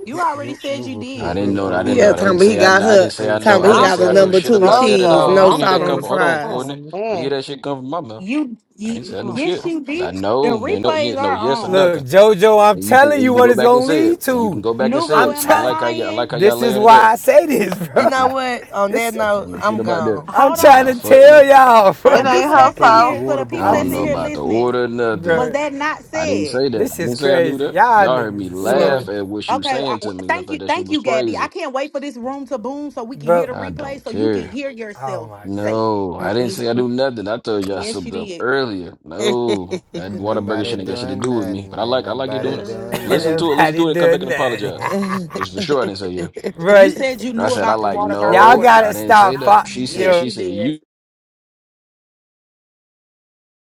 Speaker 3: You
Speaker 13: Nu-
Speaker 3: already said you
Speaker 13: can you
Speaker 4: I
Speaker 3: did.
Speaker 13: play
Speaker 4: didn't
Speaker 13: with
Speaker 4: know
Speaker 13: the
Speaker 4: that. I
Speaker 3: So
Speaker 4: didn't know
Speaker 6: Yeah,
Speaker 13: water
Speaker 4: that. I
Speaker 6: talking
Speaker 4: didn't
Speaker 6: about
Speaker 13: again?
Speaker 6: he
Speaker 4: say I
Speaker 13: Can you,
Speaker 4: know.
Speaker 6: got
Speaker 4: I
Speaker 13: can you
Speaker 4: didn't
Speaker 6: her.
Speaker 4: say
Speaker 13: play
Speaker 4: I
Speaker 13: with the
Speaker 4: know.
Speaker 6: Talking about
Speaker 4: I
Speaker 6: he
Speaker 13: water?
Speaker 4: didn't
Speaker 2: I'm
Speaker 6: got
Speaker 4: say
Speaker 6: the
Speaker 4: I know
Speaker 2: just
Speaker 6: number
Speaker 4: shit
Speaker 6: two with
Speaker 4: about that at
Speaker 6: cheese,
Speaker 4: all.
Speaker 2: JoJo.
Speaker 4: You
Speaker 6: no
Speaker 4: didn't hear
Speaker 2: I'm
Speaker 6: salt
Speaker 4: that
Speaker 6: on
Speaker 4: come
Speaker 6: the
Speaker 2: just
Speaker 4: from. Hold on,
Speaker 6: fries.
Speaker 2: oh
Speaker 4: Courtney. You hear
Speaker 2: man.
Speaker 4: that shit come from my mouth.
Speaker 3: you,
Speaker 4: I ain't say
Speaker 3: you
Speaker 4: I knew
Speaker 2: Mm.
Speaker 4: shit.
Speaker 3: yes you
Speaker 4: I
Speaker 3: did. The
Speaker 4: know. There ain't no, yeah,
Speaker 3: replays
Speaker 4: no
Speaker 3: are
Speaker 4: yes or
Speaker 3: on.
Speaker 12: Look,
Speaker 4: nothing.
Speaker 12: Jojo, I'm
Speaker 4: And you can
Speaker 12: telling
Speaker 4: and you
Speaker 12: you
Speaker 4: can
Speaker 12: what
Speaker 4: go
Speaker 12: it's
Speaker 4: back and
Speaker 12: gonna
Speaker 4: say it.
Speaker 12: lead
Speaker 4: And you can
Speaker 12: to.
Speaker 4: go back and say
Speaker 12: I'm
Speaker 3: Nubo,
Speaker 4: it.
Speaker 3: am
Speaker 4: I
Speaker 3: I
Speaker 12: telling.
Speaker 4: like how y'all I
Speaker 3: lying?
Speaker 4: like how y'all
Speaker 12: This is
Speaker 4: layering it
Speaker 12: why
Speaker 4: up.
Speaker 12: I say this,
Speaker 6: You
Speaker 12: bro.
Speaker 6: know
Speaker 4: Mm-mm.
Speaker 6: what? On that
Speaker 12: This
Speaker 4: I
Speaker 12: is.
Speaker 4: don't
Speaker 6: note,
Speaker 4: know shit
Speaker 6: I'm
Speaker 4: about that.
Speaker 6: gone.
Speaker 12: I'm
Speaker 3: Hold
Speaker 12: trying
Speaker 4: Nah,
Speaker 12: to
Speaker 3: on.
Speaker 4: fuck
Speaker 12: tell
Speaker 4: no.
Speaker 12: y'all,
Speaker 3: For
Speaker 12: bro.
Speaker 2: It
Speaker 3: the
Speaker 13: Can
Speaker 2: ain't
Speaker 12: This
Speaker 3: people
Speaker 13: can you
Speaker 2: her
Speaker 3: that's
Speaker 13: play
Speaker 3: in
Speaker 13: with the
Speaker 2: fault.
Speaker 3: here, for
Speaker 13: water
Speaker 3: the
Speaker 4: I
Speaker 3: people
Speaker 13: before
Speaker 12: I'm
Speaker 4: don't
Speaker 3: that's
Speaker 13: you
Speaker 3: in
Speaker 12: t-
Speaker 4: know
Speaker 3: here
Speaker 13: leave?
Speaker 4: about the
Speaker 3: listening,
Speaker 4: order or nothing.
Speaker 3: was
Speaker 12: bro.
Speaker 3: that not
Speaker 4: I didn't
Speaker 3: said?
Speaker 4: say that. I
Speaker 12: This is
Speaker 4: didn't say I knew
Speaker 12: crazy.
Speaker 4: that.
Speaker 12: Y'all
Speaker 4: Y'all heard me
Speaker 12: niggas is
Speaker 1: Yeah.
Speaker 4: laugh
Speaker 12: slow,
Speaker 4: at what you was
Speaker 3: Okay, I,
Speaker 4: saying
Speaker 3: w-
Speaker 4: to me because I
Speaker 3: thank
Speaker 4: thought
Speaker 3: you,
Speaker 4: that shit
Speaker 3: thank
Speaker 4: was
Speaker 3: you, Gabby. I
Speaker 4: crazy.
Speaker 3: can't wait for this room to boom so we can hear
Speaker 12: bro.
Speaker 3: the
Speaker 4: I don't
Speaker 3: replay, so you
Speaker 4: care.
Speaker 3: can hear
Speaker 12: Oh
Speaker 3: yourself
Speaker 12: my god.
Speaker 3: say, it.
Speaker 4: No, I didn't
Speaker 1: Mm-hmm.
Speaker 4: say I do nothing. I told you I
Speaker 3: "Yes, you
Speaker 4: slipped up
Speaker 3: did."
Speaker 4: earlier. No, that
Speaker 13: Ain't
Speaker 4: Whataburger
Speaker 13: nobody
Speaker 4: shouldn't got shit to
Speaker 13: doing
Speaker 4: do with me. But
Speaker 13: nothing.
Speaker 4: I
Speaker 13: Ain't
Speaker 4: like I like you
Speaker 13: nobody
Speaker 4: doing it.
Speaker 13: doing
Speaker 12: Ain't
Speaker 6: Uh,
Speaker 4: Listen to it,
Speaker 13: nothing.
Speaker 4: listen
Speaker 12: Nobody
Speaker 4: to it, and come back
Speaker 12: doing
Speaker 4: and
Speaker 12: nothing,
Speaker 4: apologize. Because for sure I didn't say yeah.
Speaker 12: bro.
Speaker 3: You said you
Speaker 4: I
Speaker 3: knew
Speaker 4: said I
Speaker 3: about the
Speaker 4: like
Speaker 3: Whataburger
Speaker 12: Y'all
Speaker 4: no,
Speaker 3: order.
Speaker 4: I
Speaker 12: gotta
Speaker 4: didn't say
Speaker 12: stop.
Speaker 4: that.
Speaker 12: Fo-
Speaker 4: She said
Speaker 3: Yes,
Speaker 12: yo.
Speaker 4: she
Speaker 3: you
Speaker 4: said
Speaker 3: did.
Speaker 4: you.